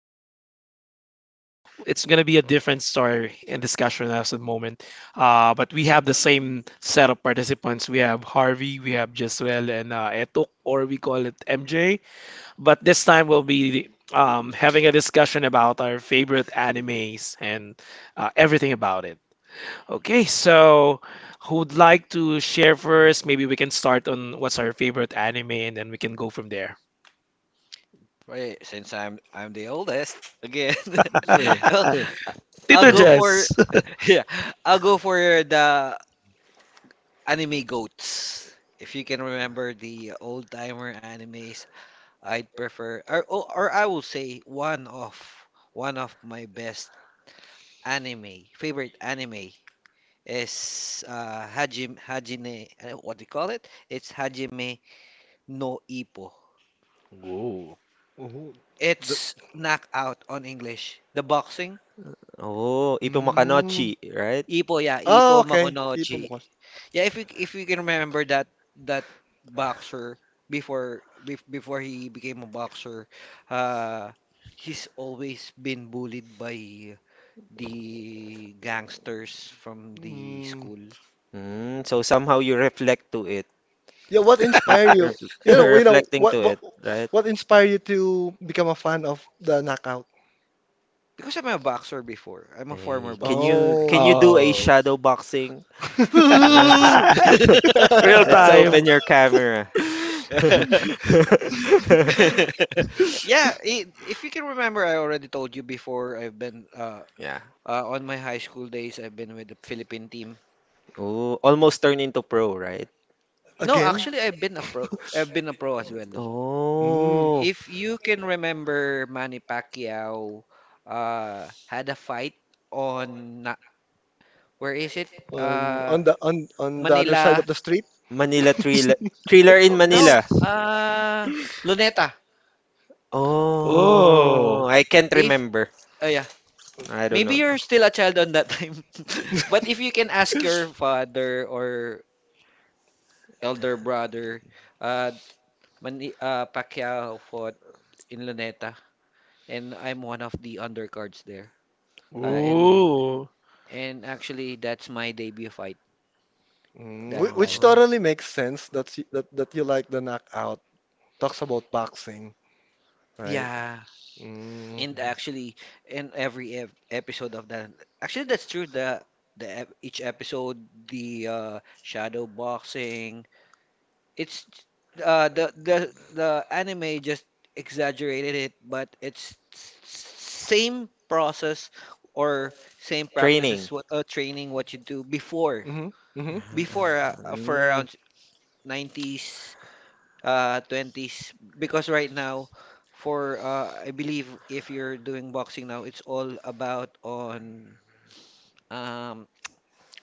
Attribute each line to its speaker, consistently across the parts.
Speaker 1: well, it's gonna be a different story and discussion as the moment. But we have the same set of participants. We have Harvey, we have Jeswell, and Etok, or we call it MJ. But this time we'll be having a discussion about our favorite animes and everything about it. Okay, so who'd like to share first? Maybe we can start on what's our favorite anime, and then we can go from there.
Speaker 2: Right, since I'm the oldest again, well, I'll
Speaker 1: Tito
Speaker 2: go for
Speaker 1: Jess.
Speaker 2: yeah, I'll go for the anime goats. If you can remember the old timer animes, I'd prefer or I will say one of my best anime favorite anime is Hajime what do you call it? It's Hajime no Ippo.
Speaker 1: Whoa.
Speaker 3: Oh, the,
Speaker 2: It's knockout on English. The boxing.
Speaker 4: Oh, Ipumakanochi,
Speaker 3: mm,
Speaker 4: right?
Speaker 2: Ipo, yeah,
Speaker 3: oh,
Speaker 2: Ipo. Oh,
Speaker 3: okay. People.
Speaker 2: Makonochi. Yeah, if you can remember that boxer before he became a boxer, uh, he's always been bullied by the gangsters from the
Speaker 3: Mm.
Speaker 2: school.
Speaker 4: Mm, so somehow you reflect to it,
Speaker 3: Yeah, what
Speaker 4: ref,
Speaker 3: inspired
Speaker 4: ref,
Speaker 3: you? You know
Speaker 4: reflecting
Speaker 3: what,
Speaker 4: to it, right?
Speaker 3: what inspired you to become a fan of the knockout?
Speaker 2: Because I'm a boxer before. I'm a former
Speaker 4: Hey, can you
Speaker 2: boxer.
Speaker 3: Oh.
Speaker 4: can you do a
Speaker 1: Oh.
Speaker 4: shadow boxing? Huh?
Speaker 1: Real
Speaker 4: Let's open
Speaker 1: time.
Speaker 4: your camera.
Speaker 2: Yeah, I if you can remember, I already told you before I've been
Speaker 4: Yeah.
Speaker 2: On my high school days, I've been with the Philippine team.
Speaker 4: Oh, almost turned into pro, right?
Speaker 2: No,
Speaker 3: Again?
Speaker 2: actually, I've been a pro. I've been a pro as well.
Speaker 3: Mm.
Speaker 4: Oh,
Speaker 2: If you can remember, Manny Pacquiao had a fight on na- where is it?
Speaker 3: On
Speaker 2: Uh,
Speaker 3: on the other side of
Speaker 2: Manila.
Speaker 3: the street.
Speaker 4: Manila thriller, thriller in
Speaker 2: No,
Speaker 4: Manila.
Speaker 2: Luneta.
Speaker 3: Oh.
Speaker 1: Oh.
Speaker 4: Oh, I can't
Speaker 2: If
Speaker 4: remember.
Speaker 2: Oh, yeah,
Speaker 3: Oh.
Speaker 4: I don't
Speaker 2: maybe
Speaker 4: know.
Speaker 2: you're still a child on that time. But if you can ask your father or elder brother, uh, Pacquiao fought in Luneta, and I'm one of the undercards there. Uh,
Speaker 4: Oh,
Speaker 2: and
Speaker 1: Ooh.
Speaker 2: and actually, that's my debut fight
Speaker 3: Mm,
Speaker 2: that
Speaker 3: which
Speaker 2: time.
Speaker 4: oh.
Speaker 3: totally makes sense that that that you like the knockout. Talks about boxing, right?
Speaker 2: Yeah,
Speaker 3: Mm.
Speaker 2: and actually, in every ep episode of that, actually, that's true. Each episode, the shadow boxing, it's the anime just exaggerated it, but same process or same practices,
Speaker 4: Training.
Speaker 2: what training what you do before
Speaker 3: Mm-hmm.
Speaker 4: Uh,
Speaker 3: Mm-hmm.
Speaker 2: before for
Speaker 4: Mm.
Speaker 2: around '90s '20s. Because right now, for I believe if you're doing boxing now, it's all about on um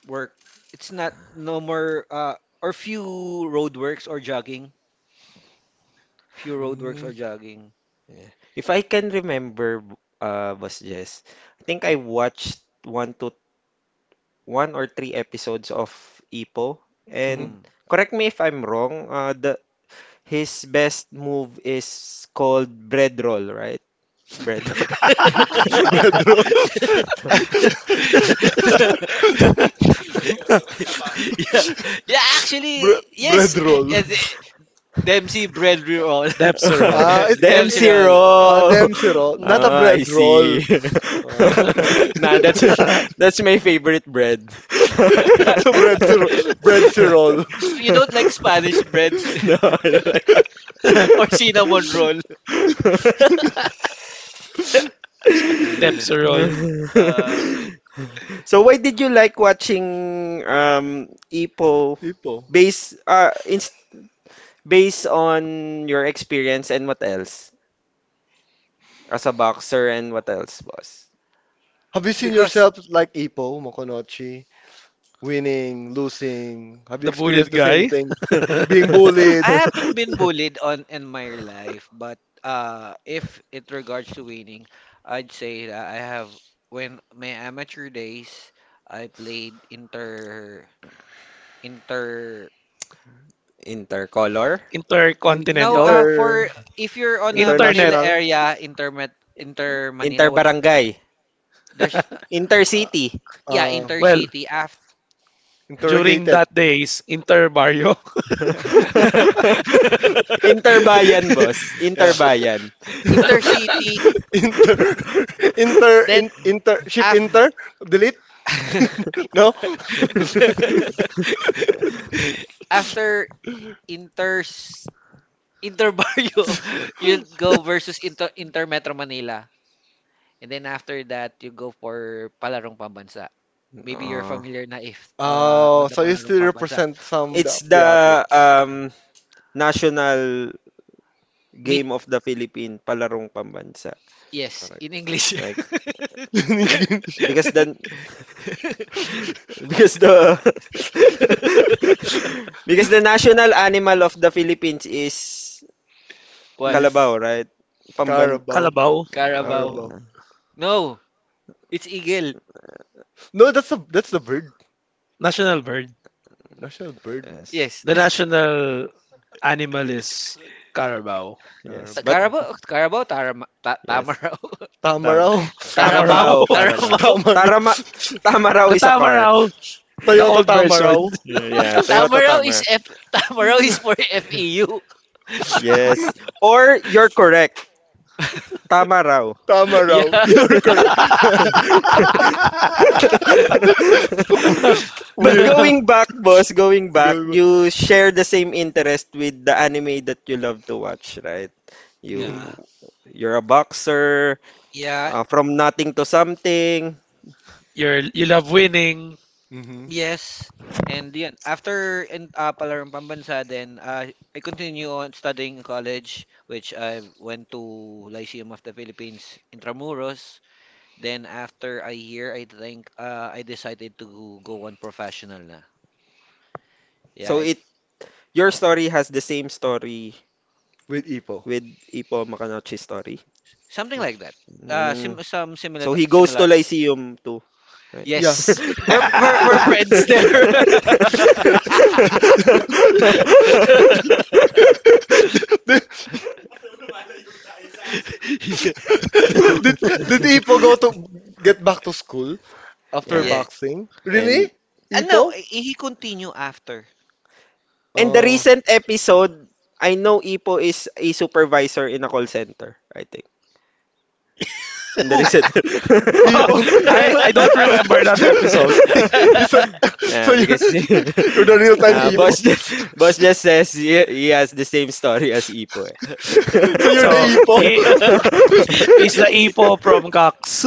Speaker 2: work. It's not no more or few road works
Speaker 3: Mm-hmm.
Speaker 2: or jogging.
Speaker 4: Yeah. If I can remember, Boss Jess, I think I watched one or three episodes of Ipo.
Speaker 3: Mm-hmm.
Speaker 4: And
Speaker 2: Mm.
Speaker 4: correct me if I'm wrong, the his best move is called bread roll, right? Bread roll.
Speaker 3: Bread roll.
Speaker 2: Yeah, yeah, actually, yes.
Speaker 3: Bread roll.
Speaker 2: Eh, Dempsey bread roll.
Speaker 1: Depserol.
Speaker 3: Ah,
Speaker 4: Dem
Speaker 2: Dempsey
Speaker 3: it,
Speaker 2: roll.
Speaker 3: ah,
Speaker 4: zero.
Speaker 3: Dempsey roll. Not a
Speaker 4: Ah, I
Speaker 3: bread
Speaker 2: Mm.
Speaker 3: roll.
Speaker 4: see.
Speaker 3: Ah.
Speaker 4: Nah, that's that's my favorite bread.
Speaker 3: So bread roll. Bread roll.
Speaker 2: You don't like Spanish bread
Speaker 4: No, I don't like that.
Speaker 2: or cinnamon roll.
Speaker 1: Depserol.
Speaker 2: Uh,
Speaker 4: So why did you like watching Ipo
Speaker 3: Ipo.
Speaker 4: based uh ins based on your experience and what else? As a boxer and what else, boss?
Speaker 3: Have you seen
Speaker 2: because
Speaker 3: yourself like Ipo, Mokonochi, winning, losing? Have you
Speaker 1: The bullied
Speaker 3: experienced the same
Speaker 1: guy.
Speaker 3: thing? Being bullied?
Speaker 2: I haven't been bullied on in my life, but if it regards to winning, I'd say that I have. When my amateur days, I played inter.
Speaker 4: Intercolor?
Speaker 2: No,
Speaker 1: Intercontinental.
Speaker 3: Inter,
Speaker 2: for if you're on a Manila
Speaker 1: Internet.
Speaker 3: international,
Speaker 2: area, inter Manila, what
Speaker 4: Interbarangay?
Speaker 2: there's,
Speaker 4: Intercity?
Speaker 3: uh,
Speaker 2: yeah,
Speaker 3: uh,
Speaker 1: Well,
Speaker 2: intercity after.
Speaker 1: during
Speaker 3: interrogated.
Speaker 1: that days, Interbarrio.
Speaker 4: Interbayan, boss.
Speaker 2: Yeah.
Speaker 4: Interbayan.
Speaker 2: Intercity.
Speaker 3: inter
Speaker 2: Then
Speaker 3: inter, ship,
Speaker 2: af
Speaker 3: inter, delete. No.
Speaker 2: After Inters Inter Barrio, you'll go versus Inter Metro Manila. And then after that, you go for Palarong Pambansa. Maybe you're
Speaker 4: Ah,
Speaker 2: familiar na if on
Speaker 3: Oh,
Speaker 2: the
Speaker 3: so you
Speaker 2: Palarong
Speaker 3: still
Speaker 2: Pambansa.
Speaker 3: represent some
Speaker 4: it's
Speaker 3: of the
Speaker 4: the
Speaker 3: athlete?
Speaker 4: um national
Speaker 2: Meet,
Speaker 4: game of the Philippine palarong pambansa.
Speaker 2: yes,
Speaker 3: Correct.
Speaker 2: in English.
Speaker 4: Like because the Because the because the national animal of the Philippines is
Speaker 2: What?
Speaker 3: Is
Speaker 4: kalabaw, right? Pamban.
Speaker 3: carabao.
Speaker 1: Calabaw,
Speaker 4: Ah,
Speaker 2: Carabao.
Speaker 3: Carabao.
Speaker 4: yeah.
Speaker 2: No, it's Eagle.
Speaker 3: No, that's the bird.
Speaker 1: national bird.
Speaker 3: National bird.
Speaker 4: Yes.
Speaker 2: Yes.
Speaker 1: The national animal is carabao.
Speaker 4: Yes. But
Speaker 3: Carabao.
Speaker 2: Carabao, Carabao, Tarama,
Speaker 4: yes.
Speaker 2: Tamaraw.
Speaker 3: Tama
Speaker 4: Tam.
Speaker 3: raw.
Speaker 2: Taramau,
Speaker 1: Tamaraw.
Speaker 4: Carabao, Carabao.
Speaker 2: Taramau.
Speaker 3: Tama raw.
Speaker 4: Tarama tama raw
Speaker 1: The
Speaker 4: is a car.
Speaker 1: tamaraw, the
Speaker 3: Toyota
Speaker 1: old
Speaker 3: tama
Speaker 1: version.
Speaker 3: raw.
Speaker 4: Yeah, yeah, Toyota
Speaker 2: Tamaraw is
Speaker 4: tama.
Speaker 2: F Tamaraw is for FEU.
Speaker 4: Yes. Or you're correct. Tama raw.
Speaker 3: Tama
Speaker 2: Yeah.
Speaker 3: raw. You're correct.
Speaker 4: But
Speaker 3: Weird.
Speaker 4: going back, boss, going back, you share the same interest with the anime that you love to watch, right? You
Speaker 3: Mm-hmm.
Speaker 2: Yeah.
Speaker 4: you're a boxer,
Speaker 2: Yeah,
Speaker 4: from nothing to something.
Speaker 1: You love winning.
Speaker 3: Mm-hmm.
Speaker 2: yes. And yun, after in Palarong Pambansa, then I continue on studying in college, which I went to Lyceum of the Philippines, Intramuros. Then after a year, I think I decided to go on professional na. Yeah,
Speaker 4: So
Speaker 2: it,
Speaker 4: it your story has the same story
Speaker 3: With Ipo.
Speaker 4: with Ipo Makanouchi's story.
Speaker 2: something like that.
Speaker 4: Mm.
Speaker 2: Sim Some similar
Speaker 4: So he goes to
Speaker 2: similar.
Speaker 4: Lyceum too, right?
Speaker 3: Yeah.
Speaker 4: Yes.
Speaker 2: Yes. We're friends there.
Speaker 3: did,
Speaker 2: Yeah.
Speaker 3: did, did Ipo go to get back to school? After
Speaker 4: Yeah.
Speaker 2: Yeah.
Speaker 3: boxing? Really?
Speaker 4: And
Speaker 2: And no,
Speaker 3: Ipo?
Speaker 2: he continue after.
Speaker 4: and the
Speaker 3: Oh.
Speaker 4: recent episode, I know Ipo is a supervisor in a call center, I in the
Speaker 2: Who?
Speaker 4: reset.
Speaker 1: Oh,
Speaker 3: Ipo.
Speaker 1: I
Speaker 3: So
Speaker 1: I
Speaker 3: you
Speaker 1: don't remember that episode.
Speaker 3: it's a, so
Speaker 4: Yeah,
Speaker 3: you're
Speaker 4: because
Speaker 3: you're the real time
Speaker 4: boss, boss just says
Speaker 3: Ipo.
Speaker 4: he has the same story as Ipo. Eh.
Speaker 3: So you're
Speaker 1: So
Speaker 3: the
Speaker 1: he
Speaker 3: Ipo.
Speaker 1: he's the Ipo from Cox.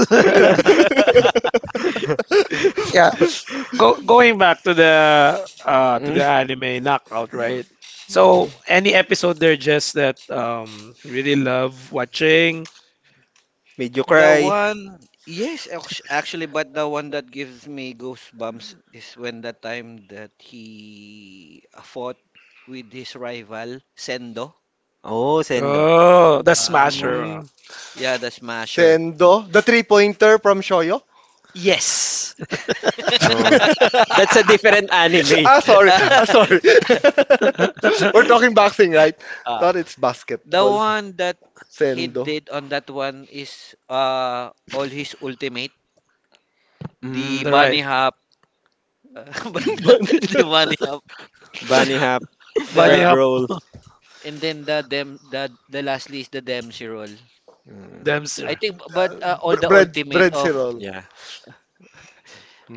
Speaker 1: Yeah, going back to the,
Speaker 4: Mm,
Speaker 1: anime knockout, right? So any episode there just that you really love watching?
Speaker 4: made you
Speaker 2: The
Speaker 4: cry.
Speaker 2: one, yes, actually, but the one that gives me goosebumps is when the time that he fought with his rival, Sendo.
Speaker 4: Oh, Sendo.
Speaker 1: Oh, the
Speaker 2: Ah,
Speaker 4: Yeah,
Speaker 1: Smasher.
Speaker 3: Mm.
Speaker 2: yeah, the Smasher.
Speaker 3: Sendo, the three pointer from Shoyo.
Speaker 2: Yes.
Speaker 4: no, that's a different anime.
Speaker 3: Ah, sorry. Ah, sorry.
Speaker 1: The
Speaker 3: We're talking boxing, right?
Speaker 2: Ah.
Speaker 3: Thought it's
Speaker 2: The
Speaker 3: basketball.
Speaker 2: one that he
Speaker 3: Sendo.
Speaker 2: did on that one is all his ultimate,
Speaker 4: Mm,
Speaker 2: the
Speaker 1: right.
Speaker 2: bunny hop, but the,
Speaker 3: Bunny.
Speaker 2: the bunny hop,
Speaker 4: bunny hop,
Speaker 1: Bunny
Speaker 2: the
Speaker 4: bread
Speaker 1: hop.
Speaker 4: roll.
Speaker 2: and then the lastly is the Dempsey roll.
Speaker 4: Mm,
Speaker 1: Them.
Speaker 2: I think, but all
Speaker 3: Bre-
Speaker 2: the
Speaker 3: bread,
Speaker 2: ultimate
Speaker 3: bread
Speaker 2: of,
Speaker 3: roll.
Speaker 4: yeah.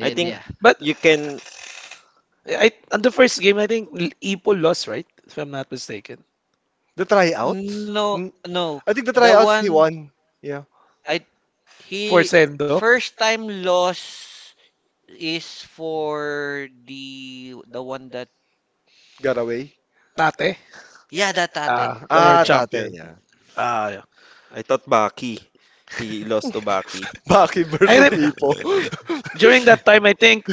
Speaker 4: I think
Speaker 2: yeah,
Speaker 1: But
Speaker 4: you can.
Speaker 1: I on the first game I think Ipo lost, right? If I'm not mistaken.
Speaker 3: The tryouts?
Speaker 2: no,
Speaker 3: Mm.
Speaker 2: no,
Speaker 3: I think the
Speaker 2: the
Speaker 3: tryouts he
Speaker 2: one
Speaker 3: won. Yeah,
Speaker 2: I
Speaker 1: For
Speaker 2: he
Speaker 1: Sendo.
Speaker 2: first time loss is for the one that,
Speaker 3: got away.
Speaker 1: Tate.
Speaker 2: yeah, that tate
Speaker 1: Ah, the
Speaker 3: Ah,
Speaker 1: world
Speaker 2: tate.
Speaker 3: tate,
Speaker 1: champion.
Speaker 3: yeah.
Speaker 1: Ah, yeah.
Speaker 4: I thought Baki. He lost to Baki.
Speaker 3: Baki
Speaker 1: I
Speaker 3: versus
Speaker 1: rem-
Speaker 3: Ipo.
Speaker 4: Uh,
Speaker 1: During that time I think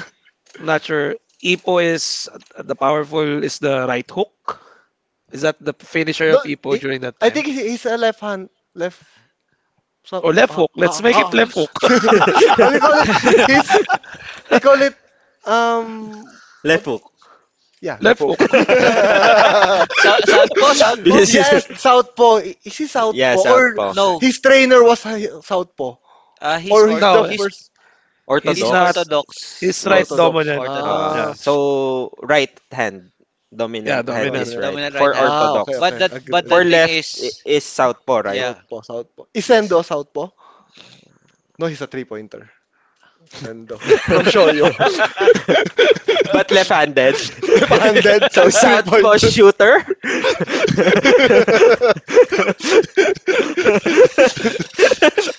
Speaker 1: I'm not sure. Ipo is the powerful is the right hook. Is that the finisher
Speaker 3: No,
Speaker 1: of Ipo
Speaker 3: he-
Speaker 1: during that
Speaker 3: I
Speaker 1: time?
Speaker 3: think he's a left hand, left so,
Speaker 1: Or left hook. Let's make it left hook.
Speaker 3: how we call it? His, we call it, um, what?
Speaker 4: left hook.
Speaker 3: Yeah, left
Speaker 1: Left
Speaker 3: hook.
Speaker 1: hook.
Speaker 2: South, South po, South po.
Speaker 4: because he's,
Speaker 3: Yes, southpaw. Is he
Speaker 4: yeah,
Speaker 3: southpaw, or
Speaker 4: southpaw.
Speaker 2: No.
Speaker 3: his trainer was a southpaw,
Speaker 2: ah, he's
Speaker 3: or
Speaker 2: or
Speaker 3: he's the
Speaker 1: No,
Speaker 2: he's
Speaker 3: first
Speaker 1: he's
Speaker 2: He's
Speaker 1: not.
Speaker 4: Orthodox.
Speaker 1: He's
Speaker 2: orthodox.
Speaker 1: right
Speaker 4: Yes.
Speaker 3: orthodox?
Speaker 1: dominant.
Speaker 3: Ah,
Speaker 1: Yeah.
Speaker 2: Orthodox.
Speaker 4: So right hand,
Speaker 1: Yeah,
Speaker 4: dominant hand
Speaker 1: dominant.
Speaker 4: is
Speaker 3: dominant.
Speaker 4: right
Speaker 2: Dominant right
Speaker 4: for
Speaker 2: hand.
Speaker 3: Ah, okay,
Speaker 4: orthodox.
Speaker 2: But
Speaker 3: okay.
Speaker 2: that
Speaker 3: Agree,
Speaker 2: but the
Speaker 4: For
Speaker 3: agree.
Speaker 2: thing is,
Speaker 4: is southpaw, right?
Speaker 2: yeah,
Speaker 3: Southpaw, southpaw. Is Sendo
Speaker 2: yes.
Speaker 3: a southpaw? No, he's a three-pointer. Sendo. From Shoyo.
Speaker 4: but left-handed.
Speaker 1: Did,
Speaker 3: Left-handed.
Speaker 4: so southpaw
Speaker 3: Three-pointer.
Speaker 4: shooter.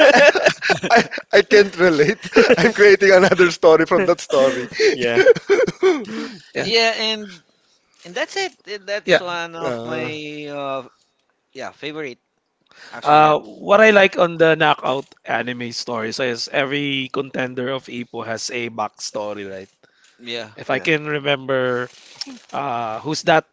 Speaker 3: I, I, I can't relate. I'm creating another story from that story.
Speaker 4: Yeah,
Speaker 1: yeah.
Speaker 2: Yeah, and that's it.
Speaker 1: Yeah.
Speaker 2: That's one of
Speaker 3: Ah.
Speaker 2: my uh, yeah, favorite actually yan.
Speaker 1: What I like on the knockout anime stories is every contender of Ipo has a backstory, right?
Speaker 2: Yeah.
Speaker 1: If I
Speaker 4: yeah.
Speaker 1: can remember, who's that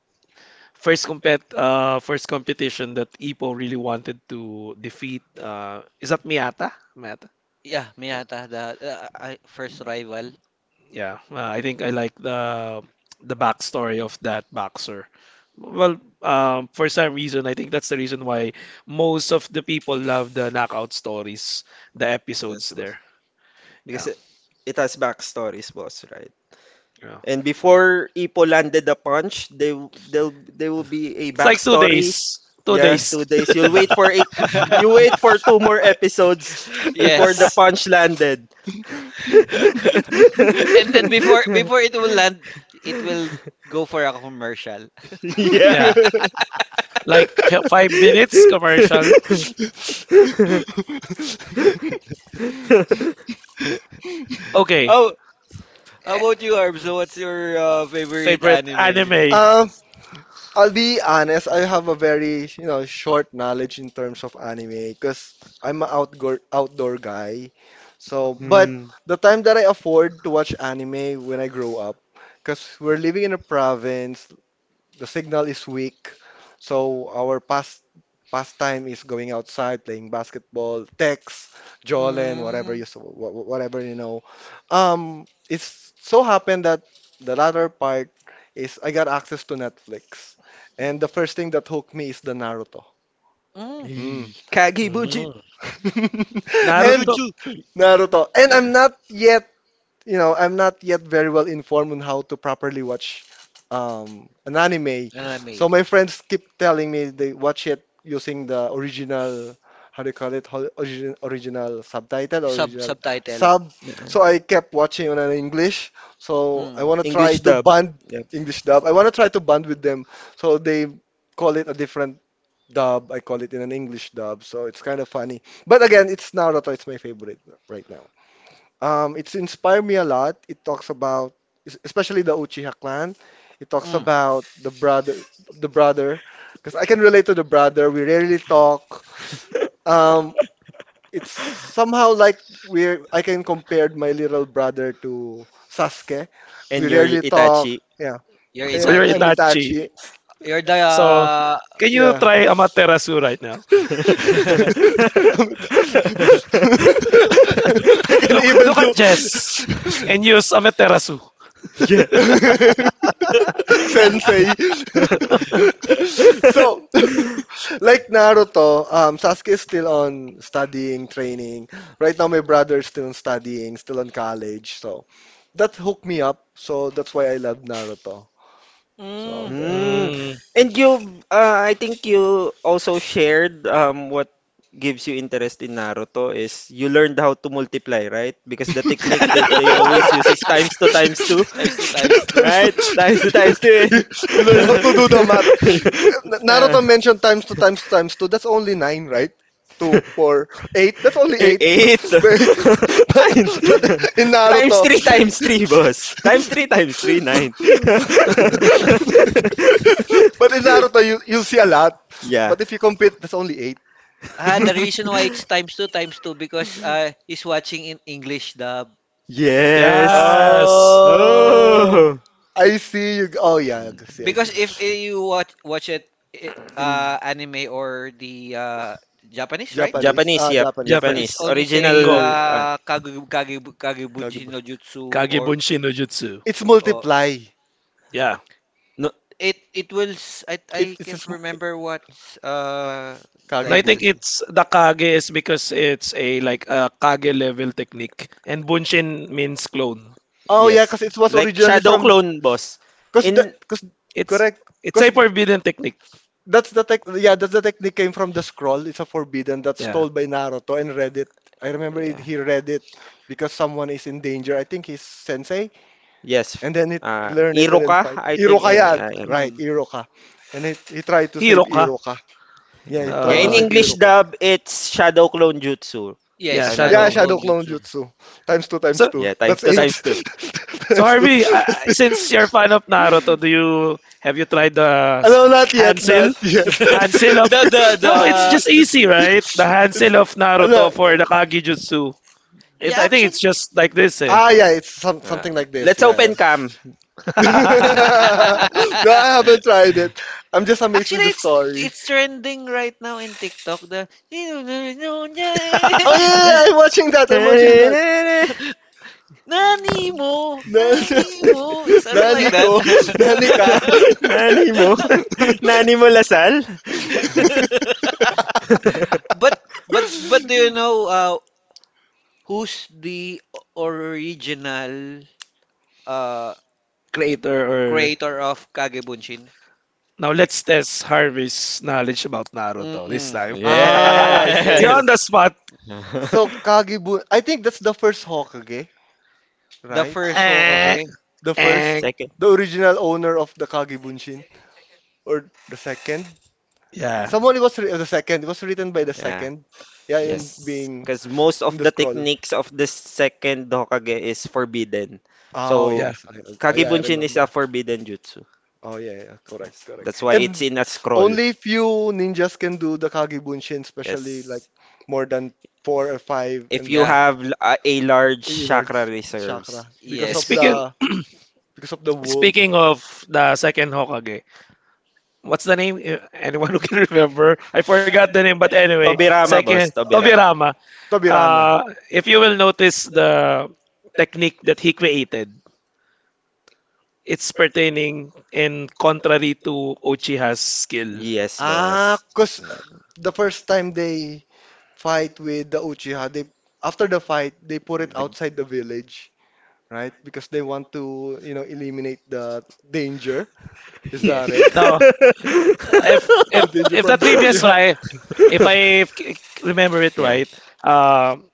Speaker 1: first competition that Ipo really wanted to defeat, is that Miata? Miata?
Speaker 2: Yeah,
Speaker 1: Uh,
Speaker 2: Miata, the first rival.
Speaker 1: Yeah, I think I like the backstory of that boxer. Well, for some reason, I think that's the reason why most of the people love the knockout stories, the
Speaker 4: Yes,
Speaker 1: episodes
Speaker 4: boss.
Speaker 1: there.
Speaker 4: Because
Speaker 1: Yeah,
Speaker 4: it has backstories, boss, right?
Speaker 1: yeah.
Speaker 4: And before Ipo landed the punch, they'll there will be a
Speaker 1: It's like two
Speaker 4: backstory.
Speaker 1: days, two
Speaker 4: Yeah,
Speaker 1: days.
Speaker 4: 2 days. You'll wait for a You wait for two more episodes before the Yes.
Speaker 2: Yes.
Speaker 4: punch landed.
Speaker 2: And then before before it will land, it will go for a commercial.
Speaker 4: Yeah.
Speaker 1: Yeah, like 5 minutes commercial. Okay.
Speaker 2: Oh, how about you, Arbs? So what's your favorite
Speaker 1: Favorite
Speaker 2: anime?
Speaker 1: anime?
Speaker 3: um, I'll be honest, I have a very, short knowledge in terms of anime because I'm an outdoor guy. So, but
Speaker 4: Hmm.
Speaker 3: the time that I afford to watch anime when I grow up, because we're living in a province, the signal is weak. So our pastime is going outside, playing basketball, text, jollen, whatever you
Speaker 2: Mm,
Speaker 3: s- wha- wha- whatever. It's so happened that the latter part is I got access to Netflix, and the first thing that hooked me is the Naruto.
Speaker 2: mm.
Speaker 3: Hmm.
Speaker 4: Hey, Kage Bunchi.
Speaker 1: Mm,
Speaker 3: And
Speaker 1: Naruto.
Speaker 2: Jujutsu.
Speaker 3: Naruto, and
Speaker 4: Yeah.
Speaker 3: I'm not yet, I'm not yet very well informed on how to properly watch an anime.
Speaker 2: Anime.
Speaker 3: So my friends keep telling me they watch it using the original, how do you call it, original subtitle or original
Speaker 2: Subtitle.
Speaker 3: sub.
Speaker 4: Yeah.
Speaker 3: So I kept watching on an English. So I
Speaker 2: Mm,
Speaker 3: want to try
Speaker 4: English
Speaker 3: to
Speaker 4: dub.
Speaker 3: bond.
Speaker 4: Yep.
Speaker 3: English dub. I want to try to bond with them. So they call it a different dub. I call it in an English dub. So it's kind of funny. But again, it's Naruto. It's my favorite right now. It's inspired me a lot. It talks about, especially the Uchiha clan. It talks
Speaker 2: mm.
Speaker 3: about the brother, the brother, because I can relate to the brother. We rarely talk. Um, it's somehow like we're. I can compare my little brother to Sasuke. We
Speaker 4: And your
Speaker 3: rarely talk.
Speaker 4: Itachi.
Speaker 3: Yeah,
Speaker 2: You're
Speaker 1: So you're
Speaker 3: I'm
Speaker 2: Itachi.
Speaker 1: Itachi.
Speaker 3: Itachi.
Speaker 2: You're the
Speaker 1: So can you
Speaker 3: Yeah.
Speaker 1: try Amaterasu right now?
Speaker 3: I can
Speaker 1: Look
Speaker 3: even
Speaker 1: look at
Speaker 3: do.
Speaker 1: Jess and use Amaterasu.
Speaker 4: Yeah.
Speaker 3: Sensei. So, like Naruto, Sasuke is still on studying, training. Right now, my brother is still on studying, still on college. So, that hooked me up. So, that's why I love Naruto. So,
Speaker 2: mm.
Speaker 3: there.
Speaker 4: Hmm.
Speaker 1: Mm.
Speaker 4: And you, I think you also shared what gives you interest in Naruto is you learned how to multiply, right? Because the technique that they always use is times two,
Speaker 2: Times two, times two.
Speaker 3: Times-
Speaker 4: right? Times two times two.
Speaker 3: you you learn how
Speaker 4: And
Speaker 3: to do the math.
Speaker 4: Yeah.
Speaker 3: Naruto mentioned times two, times two, times two. That's only nine, right? Two, four, eight. That's only
Speaker 4: Eh,
Speaker 3: eight.
Speaker 4: eight.
Speaker 3: But,
Speaker 4: Nine.
Speaker 3: but in Naruto,
Speaker 4: Times three, boss. Times three, nine.
Speaker 3: you'll see a lot.
Speaker 4: Yeah.
Speaker 3: But if you compete, that's only eight.
Speaker 2: Ah, the reason why it's times two because he's watching in English dub.
Speaker 4: Yes.
Speaker 1: Yes.
Speaker 2: Ah.
Speaker 3: Oh,
Speaker 4: Oh.
Speaker 3: I see you. Oh yeah, I see, I
Speaker 2: Because if
Speaker 3: see.
Speaker 2: you watch it, eh,
Speaker 3: In
Speaker 2: anime or the Japanese, right?
Speaker 3: Japanese,
Speaker 4: Japanese,
Speaker 3: ah,
Speaker 4: yep.
Speaker 3: Japanese, yeah.
Speaker 4: Japanese.
Speaker 2: It's
Speaker 1: Japanese.
Speaker 2: only say
Speaker 4: Original.
Speaker 1: Ningo.
Speaker 4: Ah,
Speaker 2: Kagebunji
Speaker 3: Kagebu.
Speaker 2: no Jutsu
Speaker 1: Kage
Speaker 2: or
Speaker 1: Bunshin no Jutsu.
Speaker 3: It's
Speaker 2: oh,
Speaker 3: multiply.
Speaker 1: Yeah.
Speaker 4: no,
Speaker 2: I
Speaker 3: It,
Speaker 2: I
Speaker 3: it's a
Speaker 2: can't remember what's the
Speaker 1: And I
Speaker 2: ex,
Speaker 1: think
Speaker 3: kagebunshin.
Speaker 1: it's the kage is because it's a like a kage level technique, and bunshin means clone.
Speaker 3: Oh yeah,
Speaker 4: yes.
Speaker 3: cause it was
Speaker 4: Like
Speaker 3: originally
Speaker 4: Shadow
Speaker 3: from.
Speaker 4: Clone, boss.
Speaker 3: Cause that
Speaker 4: In
Speaker 3: cause
Speaker 1: It's
Speaker 3: Correct.
Speaker 1: it's a
Speaker 3: Cause
Speaker 1: forbidden technique.
Speaker 3: That's the tech yeah that's the technique came from the scroll. It's a forbidden that's
Speaker 1: Yeah,
Speaker 3: stole by Naruto and read it. I remember it, he read it because someone is in danger. I think his sensei.
Speaker 4: Yes.
Speaker 3: And then he learn it and then
Speaker 4: Iruka,
Speaker 3: fight.
Speaker 4: I think. Yeah,
Speaker 3: Irokaya,
Speaker 4: yeah, yeah.
Speaker 3: right,
Speaker 2: hmm.
Speaker 3: Iroka. And he tried to
Speaker 1: hero
Speaker 3: save
Speaker 1: ka.
Speaker 3: Iroka. Yeah,
Speaker 4: Yeah,
Speaker 3: he
Speaker 4: yeah,
Speaker 3: tried to
Speaker 4: in
Speaker 1: Uh,
Speaker 3: save
Speaker 4: English
Speaker 3: Iroka.
Speaker 4: dub, it's Shadow Clone Jutsu, if
Speaker 1: yeah,
Speaker 2: Yes,
Speaker 4: I'm not
Speaker 1: shadow
Speaker 3: Yeah,
Speaker 2: Shadow
Speaker 1: clone.
Speaker 2: Clone
Speaker 3: Shadow
Speaker 4: mistaken.
Speaker 3: Clone
Speaker 2: Jutsu.
Speaker 3: Jutsu. Times two, times
Speaker 1: So
Speaker 3: two.
Speaker 4: Yeah, times
Speaker 3: That's
Speaker 4: two,
Speaker 1: so
Speaker 4: times two.
Speaker 3: eight.
Speaker 1: so
Speaker 3: Times
Speaker 1: Harvey,
Speaker 3: two.
Speaker 1: since you're a fan of Naruto, do you have you tried the
Speaker 3: No, not
Speaker 1: hand
Speaker 3: yet, not
Speaker 1: seal?
Speaker 3: yet.
Speaker 1: Hand seal of no, it's
Speaker 2: The
Speaker 1: just
Speaker 3: it's,
Speaker 1: easy, right? The
Speaker 3: it's,
Speaker 1: hand seal of
Speaker 3: no.
Speaker 1: Naruto for the Kage Jutsu.
Speaker 2: Yeah,
Speaker 1: I think
Speaker 2: actually
Speaker 1: it's just like this, eh.
Speaker 3: Ah, yeah, it's
Speaker 4: Uh,
Speaker 3: something like this.
Speaker 4: let's
Speaker 3: Yeah, yeah.
Speaker 4: open cam.
Speaker 3: No, I haven't tried it. I'm just amazed with
Speaker 2: actually,
Speaker 3: the
Speaker 2: it's
Speaker 3: story.
Speaker 2: it's trending right now in TikTok. The
Speaker 3: Oh yeah, yeah, yeah, I'm watching that. I'm watching that. No,
Speaker 2: nani mo, something
Speaker 3: nani
Speaker 4: Na-
Speaker 2: like
Speaker 3: ko,
Speaker 2: that.
Speaker 3: nani ka.
Speaker 4: na- Nani mo? Nani mo Lasal?
Speaker 2: but but do you know, who's the original uh,
Speaker 1: creator or
Speaker 2: creator of Kagebunshin?
Speaker 1: Now let's test Harvey's knowledge about Naruto this
Speaker 2: Mm-mm.
Speaker 1: time.
Speaker 3: Ah, I see, I
Speaker 1: You're
Speaker 4: Yes.
Speaker 3: see.
Speaker 1: on the spot.
Speaker 3: So I think that's the first Hokage,
Speaker 2: The
Speaker 3: right?
Speaker 2: first
Speaker 1: Eh,
Speaker 2: Hokage.
Speaker 3: The first,
Speaker 1: eh.
Speaker 4: Second.
Speaker 3: the original owner of the Kagebunshin, or the second.
Speaker 1: Yeah,
Speaker 3: Someone was the second. It was written by the
Speaker 4: Yeah.
Speaker 3: second. Yeah, in
Speaker 4: Yes,
Speaker 3: being
Speaker 4: because most of
Speaker 3: in the
Speaker 4: the
Speaker 3: scroll.
Speaker 4: techniques of the second Hokage is forbidden.
Speaker 3: Oh
Speaker 4: So,
Speaker 1: yeah.
Speaker 3: yes, I yeah, I
Speaker 4: Kagebunshin is a
Speaker 3: remember.
Speaker 4: forbidden jutsu.
Speaker 3: Oh yeah, yeah, correct,
Speaker 4: Yes,
Speaker 3: correct.
Speaker 4: that's why
Speaker 3: And
Speaker 4: it's in a scroll.
Speaker 3: only few ninjas can do the Kage Bunshin, especially like
Speaker 4: Yes,
Speaker 3: more than four or five,
Speaker 4: if
Speaker 3: and
Speaker 4: you
Speaker 2: Yeah.
Speaker 4: have a large
Speaker 3: a
Speaker 4: chakra
Speaker 3: large
Speaker 4: reserves.
Speaker 3: chakra because of
Speaker 2: Yes.
Speaker 1: Speaking
Speaker 3: the, wolf.
Speaker 1: speaking of the second Hokage, what's the name? Anyone who can remember? I forgot the name, but anyway,
Speaker 3: Uh,
Speaker 4: Tobirama, boss.
Speaker 1: second
Speaker 4: Tobira.
Speaker 1: Tobirama.
Speaker 3: Tobirana.
Speaker 1: Uh, if you will notice the technique that he created, it's pertaining and contrary to Uchiha's skill.
Speaker 4: Yes,
Speaker 3: Ah,
Speaker 4: boss.
Speaker 3: cause
Speaker 4: Mm,
Speaker 3: the first time they fight with the Uchiha, they after the fight they put it
Speaker 4: the
Speaker 3: outside the village, right? Because they want to eliminate the danger. Is that
Speaker 2: Yes.
Speaker 3: it?
Speaker 1: No, if if
Speaker 3: The danger
Speaker 1: if the
Speaker 3: from the
Speaker 1: trivia
Speaker 3: Uchiha.
Speaker 1: right, if I remember it
Speaker 4: yeah,
Speaker 1: right, um,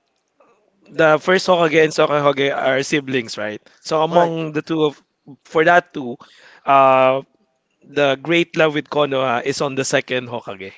Speaker 1: the first Hokage and second Hokage are siblings, right? So
Speaker 3: Correct.
Speaker 1: among the two of for that two, uh, the great love with Konoha is on the second Hokage,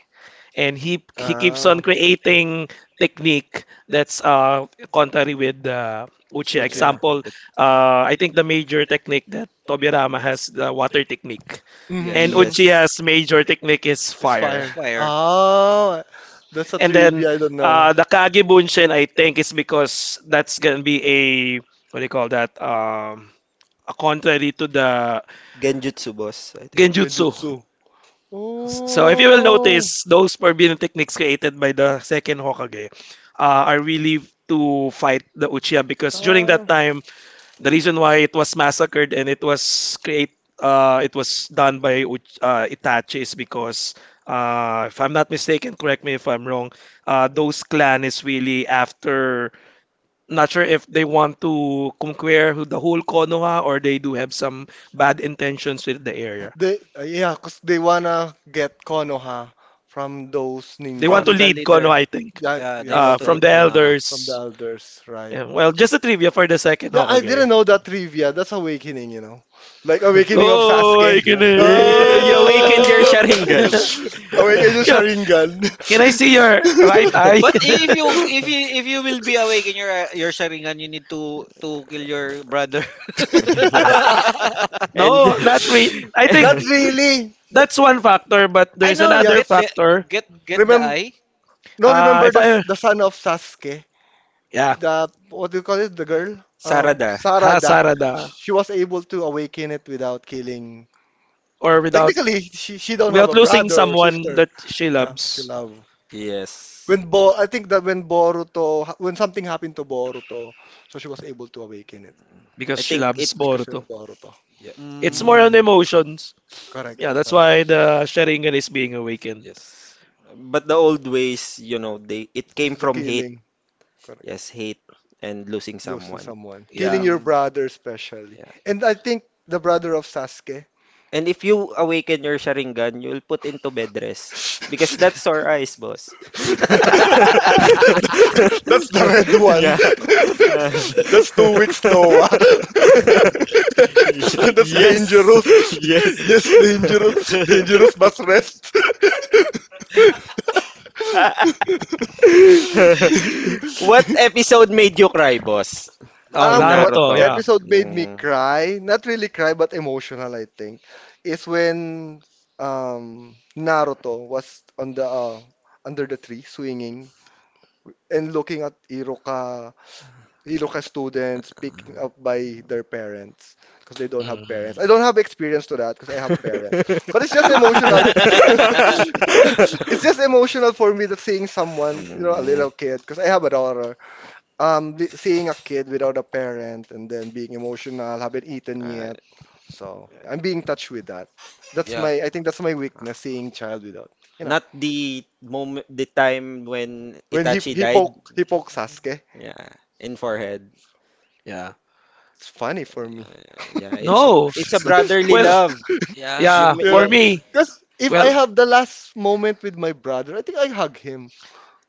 Speaker 1: and he keeps
Speaker 3: Ah,
Speaker 1: on creating technique that's contrary with the Uchiha
Speaker 3: Uchiha.
Speaker 4: yeah.
Speaker 1: example.
Speaker 4: The,
Speaker 1: I think the major technique that Tobirama has the water technique
Speaker 3: Mhm,
Speaker 1: and
Speaker 2: Yes.
Speaker 3: mhm.
Speaker 1: Uchiha's
Speaker 4: yes.
Speaker 1: major technique is
Speaker 2: It's
Speaker 3: It's
Speaker 1: fire.
Speaker 3: fire.
Speaker 2: fire
Speaker 3: Oh, that's a
Speaker 1: And then
Speaker 3: trivia I don't know.
Speaker 1: the Kage Bunshin, I think, is because that's gonna be a what do you call that? A contrary to the
Speaker 4: Genjutsu boss, I think.
Speaker 1: Genjutsu.
Speaker 3: Genjutsu.
Speaker 1: So if you will
Speaker 3: Oh,
Speaker 1: notice, those forbidden techniques created by the second Hokage, are really to fight the Uchiha because during
Speaker 3: ah,
Speaker 1: that time. The reason why it was massacred and it was create it was done by Itachi is because, if I'm not mistaken, correct me if I'm wrong, those clan is really after not sure if they want to conquer the whole Konoha or they do have some bad intentions with the area.
Speaker 3: they yeah, cause they wanna get Konoha from those
Speaker 1: They want to
Speaker 3: ninjas.
Speaker 2: from the
Speaker 1: lead
Speaker 2: leader.
Speaker 1: Konoha, I think,
Speaker 3: Yeah,
Speaker 2: Yeah, they
Speaker 3: yes,
Speaker 2: want to
Speaker 1: from
Speaker 2: lead
Speaker 3: correct.
Speaker 1: the
Speaker 2: Kona.
Speaker 3: From the
Speaker 1: elders.
Speaker 3: elders, right?
Speaker 1: Yeah, well, just a trivia for the second
Speaker 3: Yeah, I
Speaker 1: Hokage.
Speaker 3: didn't know that trivia. That's awakening, like awakening of
Speaker 1: Oh, I
Speaker 3: Sasuke.
Speaker 1: awakening!
Speaker 4: Yeah, you awakened your
Speaker 3: Oh,
Speaker 4: Sharingan.
Speaker 3: awakening of
Speaker 1: Can I
Speaker 3: Sharingan.
Speaker 1: see your right eye?
Speaker 2: But if you will be awake in your Sharingan, you need to kill your brother.
Speaker 4: Yeah. And
Speaker 1: No, not really. I think
Speaker 3: Not really.
Speaker 1: that's one factor, but
Speaker 2: I
Speaker 1: there's
Speaker 2: know.
Speaker 3: Yeah,
Speaker 1: another
Speaker 2: Get the
Speaker 1: factor.
Speaker 2: get the
Speaker 3: remember.
Speaker 2: eye.
Speaker 3: No, remember
Speaker 1: If
Speaker 3: the
Speaker 1: I,
Speaker 3: the son of Sasuke.
Speaker 1: yeah,
Speaker 3: The what do you call it? The girl,
Speaker 4: Sarada.
Speaker 3: Sarada.
Speaker 1: hasarada
Speaker 3: She was able to awaken it without killing.
Speaker 1: or without
Speaker 3: Technically, she don't have
Speaker 1: without
Speaker 3: a
Speaker 1: losing
Speaker 3: brother or
Speaker 1: someone
Speaker 3: sister.
Speaker 1: that she
Speaker 3: Yeah, she
Speaker 1: loves
Speaker 3: love.
Speaker 4: Yes.
Speaker 3: I think that when something happened to Boruto, so she was able to awaken it because
Speaker 1: because
Speaker 4: I
Speaker 1: she
Speaker 4: think it
Speaker 1: loves
Speaker 3: she
Speaker 1: Boruto.
Speaker 3: loved Boruto.
Speaker 4: Yep,
Speaker 1: It's
Speaker 2: Mm,
Speaker 1: more
Speaker 3: Mm,
Speaker 1: on emotions.
Speaker 3: correct,
Speaker 1: Yeah, that's
Speaker 3: correct.
Speaker 1: why the Sharingan is being awakened.
Speaker 4: yes. But the old ways, you know, they it
Speaker 3: It's
Speaker 4: came
Speaker 3: the
Speaker 4: from hate.
Speaker 3: killing.
Speaker 4: Yes,
Speaker 3: Correct.
Speaker 4: hate and losing
Speaker 3: Losing
Speaker 4: someone.
Speaker 3: someone, killing
Speaker 1: Yeah.
Speaker 3: your
Speaker 2: mm.
Speaker 3: brother especially, and I think the brother of Sasuke.
Speaker 4: And if you awaken your Sharingan, you'll put into bed rest. Because that's sore eyes, boss.
Speaker 3: That's the red one.
Speaker 4: Yeah.
Speaker 3: That's 2 weeks, Noah. That's
Speaker 4: Yes.
Speaker 3: dangerous.
Speaker 4: Yes.
Speaker 3: Yes, dangerous. Dangerous bus rest.
Speaker 4: What episode made you cry, boss?
Speaker 1: Oh,
Speaker 4: In
Speaker 3: What
Speaker 1: Naruto.
Speaker 4: Naruto.
Speaker 1: Yeah.
Speaker 3: episode made me
Speaker 4: Mm.
Speaker 3: cry? Not really cry, but emotional, I think, is when Naruto was on the, under the tree swinging, and looking at Iroka, Iroka students picking up by their parents because they don't have parents.
Speaker 1: Mm,
Speaker 3: I don't have experience to that because I have parents, but it's just emotional. It's just emotional for me that seeing someone, a
Speaker 4: Mm.
Speaker 3: little kid, because I have a daughter, seeing a kid without a parent and then being emotional, haven't eaten
Speaker 4: Uh,
Speaker 3: yet. So yeah, I'm being touched with that. That's
Speaker 2: Yeah.
Speaker 3: my, I think that's my weakness, seeing child without, you know,
Speaker 4: not the moment, the time when
Speaker 3: when he
Speaker 4: Itachi
Speaker 3: he
Speaker 4: died.
Speaker 3: poke he poke Sasuke.
Speaker 4: Yeah, in forehead.
Speaker 1: yeah.
Speaker 3: It's funny for me.
Speaker 4: Uh, yeah,
Speaker 1: No,
Speaker 4: it's a
Speaker 1: it's not-
Speaker 4: brotherly
Speaker 1: Well,
Speaker 4: love.
Speaker 2: Yeah.
Speaker 4: You
Speaker 1: yeah.
Speaker 4: ma- you.
Speaker 1: For
Speaker 3: Yeah,
Speaker 1: me,
Speaker 3: because if I
Speaker 1: well,
Speaker 3: have the last moment with my brother, I think I hug him.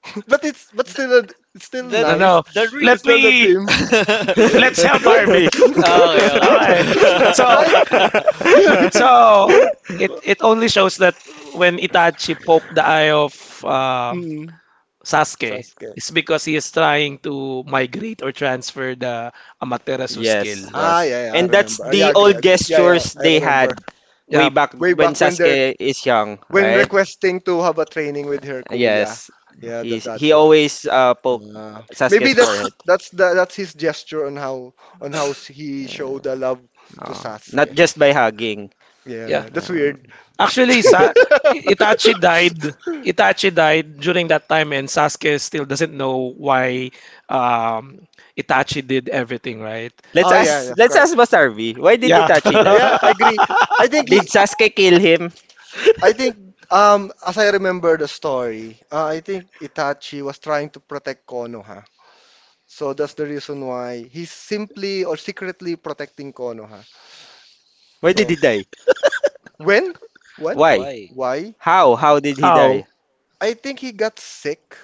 Speaker 3: But it's but
Speaker 2: The
Speaker 3: still it's still
Speaker 1: no,
Speaker 2: the
Speaker 3: nice.
Speaker 1: no.
Speaker 2: the re-
Speaker 1: Let
Speaker 3: It's still the
Speaker 1: me
Speaker 3: same,
Speaker 2: okay,
Speaker 1: let's help
Speaker 3: right?
Speaker 1: Harvey.
Speaker 2: okay.
Speaker 1: Okay. So
Speaker 3: Right? You're,
Speaker 1: so
Speaker 3: you're
Speaker 1: it only shows that when Itachi poked the eye of um
Speaker 3: mm,
Speaker 1: Sasuke,
Speaker 3: Sasuke.
Speaker 1: it's because he is trying to migrate or transfer the Amaterasu skill.
Speaker 4: Yes,
Speaker 3: Ah,
Speaker 4: boss.
Speaker 3: yeah, yeah, I
Speaker 4: And that's
Speaker 3: remember. Yeah, I
Speaker 4: the
Speaker 3: agree,
Speaker 4: old
Speaker 3: agree. Yeah, yeah,
Speaker 4: gestures
Speaker 3: I
Speaker 4: they
Speaker 3: remember.
Speaker 4: had
Speaker 1: Yeah,
Speaker 4: way back
Speaker 3: Way
Speaker 4: when
Speaker 3: back when they're
Speaker 4: Sasuke is young,
Speaker 3: when
Speaker 4: right?
Speaker 3: requesting to have a training with her kuya.
Speaker 4: Yes,
Speaker 3: Yeah, that
Speaker 4: he's
Speaker 3: that
Speaker 4: he
Speaker 3: one.
Speaker 4: always poke
Speaker 3: Uh,
Speaker 4: Sasuke's
Speaker 3: maybe that's
Speaker 4: forehead.
Speaker 3: that's his gesture on how, he
Speaker 4: Uh,
Speaker 3: showed the love to
Speaker 4: oh, not
Speaker 3: Sasuke.
Speaker 4: just by hugging.
Speaker 1: yeah.
Speaker 3: Yeah, that's
Speaker 4: Um,
Speaker 3: weird.
Speaker 1: Actually, Sa Itachi died. Itachi died during that time, and Sasuke still doesn't know why, um, Itachi did everything, right?
Speaker 4: let's
Speaker 3: Oh yeah,
Speaker 4: ask
Speaker 3: that's
Speaker 4: let's
Speaker 3: correct.
Speaker 4: ask Basarvi. Why did
Speaker 1: Yeah.
Speaker 4: Itachi die?
Speaker 3: Yeah, I agree. I think he
Speaker 4: Did Sasuke kill him?
Speaker 3: I think as I remember the story, I think Itachi was trying to protect Konoha. So that's the reason why he's simply or secretly protecting Konoha.
Speaker 4: Why did
Speaker 3: So
Speaker 4: he die?
Speaker 3: when? When?
Speaker 4: Why?
Speaker 2: Why?
Speaker 3: Why?
Speaker 4: How? How did he
Speaker 1: How?
Speaker 4: die?
Speaker 3: I think he got sick.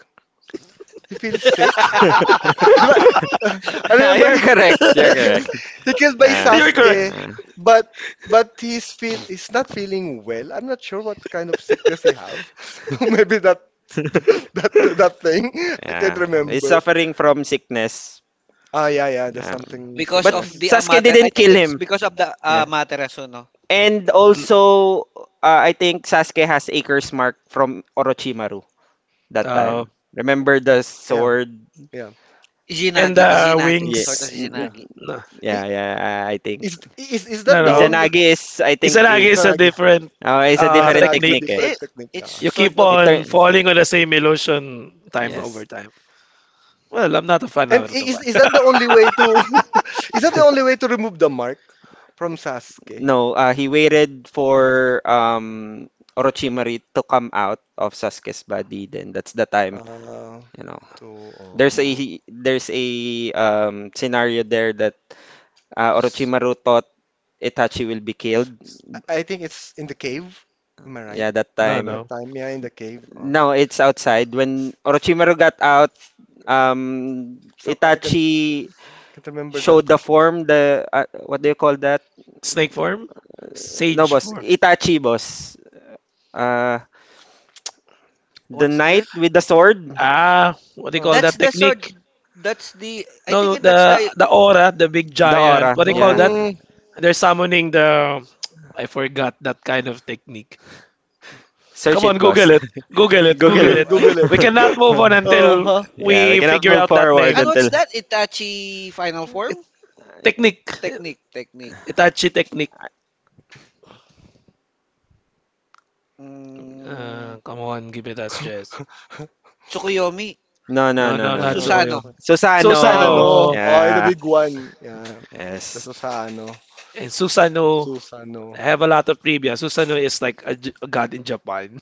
Speaker 3: He feels sick?
Speaker 4: Yeah,
Speaker 3: Di ba? I remember
Speaker 4: you're
Speaker 3: he
Speaker 4: correct. You're correct.
Speaker 3: he killed by
Speaker 4: Yeah.
Speaker 1: You're correct.
Speaker 3: Sasuke, but he's not feeling well. I'm not sure what kind of sickness he have. Maybe that that thing. I
Speaker 4: Yeah.
Speaker 3: can't
Speaker 4: He's
Speaker 3: remember.
Speaker 4: suffering from sickness.
Speaker 3: Ah, yeah, yeah. There's
Speaker 4: Um,
Speaker 3: something
Speaker 2: Because
Speaker 4: but
Speaker 2: of
Speaker 3: sickness.
Speaker 2: the
Speaker 4: Sasuke
Speaker 2: Amatera I
Speaker 4: didn't
Speaker 2: think
Speaker 4: kill
Speaker 2: it's
Speaker 4: him.
Speaker 2: because of the
Speaker 4: Yeah.
Speaker 2: Amaterasu, no?
Speaker 4: And also, I think Sasuke has Acre's Mark from Orochimaru that
Speaker 1: Uh,
Speaker 4: time. Remember the
Speaker 3: Yeah,
Speaker 4: sword?
Speaker 3: yeah,
Speaker 1: and
Speaker 2: Izinagi,
Speaker 1: the
Speaker 2: Izinagi,
Speaker 4: Yeah,
Speaker 2: sort of
Speaker 1: wings.
Speaker 4: n-
Speaker 3: yeah.
Speaker 4: n-
Speaker 2: Izinagi.
Speaker 1: No,
Speaker 3: I-
Speaker 4: yeah, yeah. I think
Speaker 3: Is that
Speaker 1: no,
Speaker 3: the
Speaker 1: no.
Speaker 3: only?
Speaker 4: Izanagi is. I think
Speaker 1: Isa lagi is a
Speaker 3: Isanagi.
Speaker 1: different,
Speaker 4: it's a
Speaker 3: Ah,
Speaker 4: different
Speaker 3: Isanagi is a
Speaker 1: technique.
Speaker 4: technique. Eh.
Speaker 3: different
Speaker 2: It,
Speaker 3: technique. Ah.
Speaker 2: it's
Speaker 1: You keep
Speaker 2: sort of.
Speaker 4: It
Speaker 1: on
Speaker 4: turn.
Speaker 1: falling on the same illusion time over
Speaker 4: Yes.
Speaker 1: time. Well, I'm not a fan
Speaker 3: And
Speaker 1: of Naruto
Speaker 3: is
Speaker 1: fan.
Speaker 3: that the only way to is that the only way to remove the mark from Sasuke?
Speaker 4: No. He waited for Orochimaru to come out of Sasuke's body. Then that's the time.
Speaker 3: Uh,
Speaker 4: You know,
Speaker 3: to Oh,
Speaker 4: there's a there's a scenario there that Orochimaru taught Itachi will be killed.
Speaker 3: I think it's in the cave. Am I right?
Speaker 4: Yeah, that
Speaker 1: No,
Speaker 4: time.
Speaker 3: That
Speaker 1: no.
Speaker 3: time, yeah, in the cave. Oh.
Speaker 4: No, it's outside. When Orochimaru got out, um,
Speaker 3: Some I can
Speaker 4: Itachi
Speaker 3: can't remember that.
Speaker 4: showed the form, the what do you call that?
Speaker 1: Snake form?
Speaker 4: No,
Speaker 1: Sage
Speaker 4: boss.
Speaker 1: form.
Speaker 4: Itachi, boss. Uh, the
Speaker 2: What's
Speaker 4: knight
Speaker 2: that?
Speaker 4: with the sword,
Speaker 1: Ah, what do you call
Speaker 2: That's
Speaker 3: Oh,
Speaker 1: that
Speaker 2: the sword.
Speaker 1: technique?
Speaker 2: That's the, I think
Speaker 1: No,
Speaker 2: that's
Speaker 1: the
Speaker 2: the
Speaker 1: the aura, the big
Speaker 4: the
Speaker 1: giant.
Speaker 4: aura.
Speaker 1: What do you call
Speaker 4: Yeah,
Speaker 1: that?
Speaker 3: mm.
Speaker 1: They're summoning the. I forgot that kind of technique.
Speaker 4: search
Speaker 1: Come on,
Speaker 4: it, boss.
Speaker 1: Google it. Google it.
Speaker 4: Google
Speaker 1: Google
Speaker 3: Google it,
Speaker 1: it.
Speaker 2: what,
Speaker 3: Google
Speaker 1: We
Speaker 3: it.
Speaker 4: it.
Speaker 1: cannot move on until
Speaker 3: Uh
Speaker 4: Yeah, we
Speaker 1: we
Speaker 4: cannot
Speaker 1: figure
Speaker 4: move
Speaker 1: out that
Speaker 4: forward
Speaker 2: and
Speaker 1: name.
Speaker 2: what's
Speaker 4: until.
Speaker 2: that? Itachi final form
Speaker 1: Technique.
Speaker 2: technique.
Speaker 1: Itachi technique.
Speaker 2: Mm,
Speaker 1: Come on, give it us, Jess.
Speaker 3: huh.
Speaker 2: Tsukuyomi.
Speaker 4: No, no,
Speaker 1: No,
Speaker 4: no,
Speaker 1: no,
Speaker 4: no,
Speaker 3: No,
Speaker 1: not
Speaker 4: no,
Speaker 3: no,
Speaker 4: no,
Speaker 3: no,
Speaker 4: no.
Speaker 2: Susano.
Speaker 1: Soyo.
Speaker 3: chocolate.
Speaker 4: Susano.
Speaker 2: Uh,
Speaker 3: Susano.
Speaker 1: Susano.
Speaker 3: Oh, the
Speaker 4: Yeah.
Speaker 3: big one. Yeah. The
Speaker 4: Yes.
Speaker 3: Susano.
Speaker 1: And Susano.
Speaker 3: Susano.
Speaker 1: I have a lot of trivia. Susano is like a god in Japan.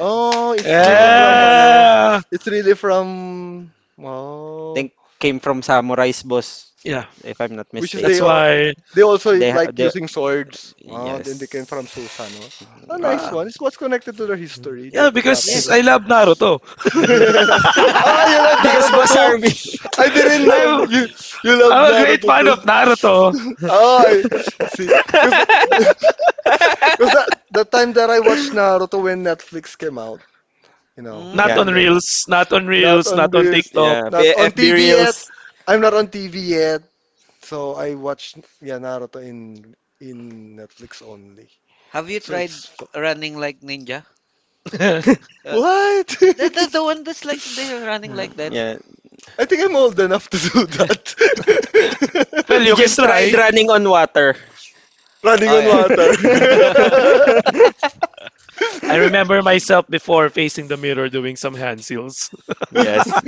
Speaker 3: Oh, it's really
Speaker 4: Oh,
Speaker 3: from
Speaker 4: yes.
Speaker 3: ano?
Speaker 1: Yeah.
Speaker 3: It's really from oh,
Speaker 4: Think came from Samurai's boss,
Speaker 1: Yeah.
Speaker 4: if I'm not
Speaker 3: which is
Speaker 1: That's
Speaker 4: mistaken.
Speaker 1: why.
Speaker 3: they also
Speaker 4: They, ha-
Speaker 3: like
Speaker 4: they
Speaker 3: using swords. Oh, then they came from
Speaker 4: yes.
Speaker 3: Susano. A nice
Speaker 1: Ah.
Speaker 3: one. It's what's connected to their history,
Speaker 1: Yeah, because I
Speaker 3: Japanese.
Speaker 2: yes.
Speaker 1: love Naruto.
Speaker 3: Ah, you love
Speaker 4: Because
Speaker 3: Naruto
Speaker 4: Boss
Speaker 3: too.
Speaker 4: Harvey.
Speaker 3: I didn't know
Speaker 1: I'm
Speaker 3: you love
Speaker 1: I'm a great
Speaker 3: Naruto
Speaker 1: fan
Speaker 3: too.
Speaker 1: of Naruto.
Speaker 3: Oh, I see. Because that the time that I watched Naruto when Netflix came out, you know,
Speaker 2: Mm.
Speaker 1: Not
Speaker 3: and
Speaker 4: Yeah,
Speaker 1: on
Speaker 3: then
Speaker 1: Reels, not on
Speaker 3: not
Speaker 1: Reels,
Speaker 3: on
Speaker 1: not on
Speaker 3: this,
Speaker 1: TikTok.
Speaker 4: yeah.
Speaker 3: not on
Speaker 4: FB
Speaker 3: TV yet.
Speaker 4: Reels.
Speaker 3: I'm not on TV yet, so I watched yeah Naruto in Netflix only.
Speaker 2: Have you
Speaker 3: So
Speaker 2: tried running like ninja?
Speaker 1: Well,
Speaker 2: Uh,
Speaker 3: what?
Speaker 2: the one that's like they're running like that.
Speaker 4: Yeah.
Speaker 3: I think I'm old enough to do that.
Speaker 4: He
Speaker 1: you can
Speaker 4: just tried
Speaker 1: try.
Speaker 4: running on water.
Speaker 3: Running
Speaker 2: Oh
Speaker 3: on
Speaker 2: yeah.
Speaker 3: water.
Speaker 1: I remember myself before facing the mirror doing some hand seals.
Speaker 4: Yes.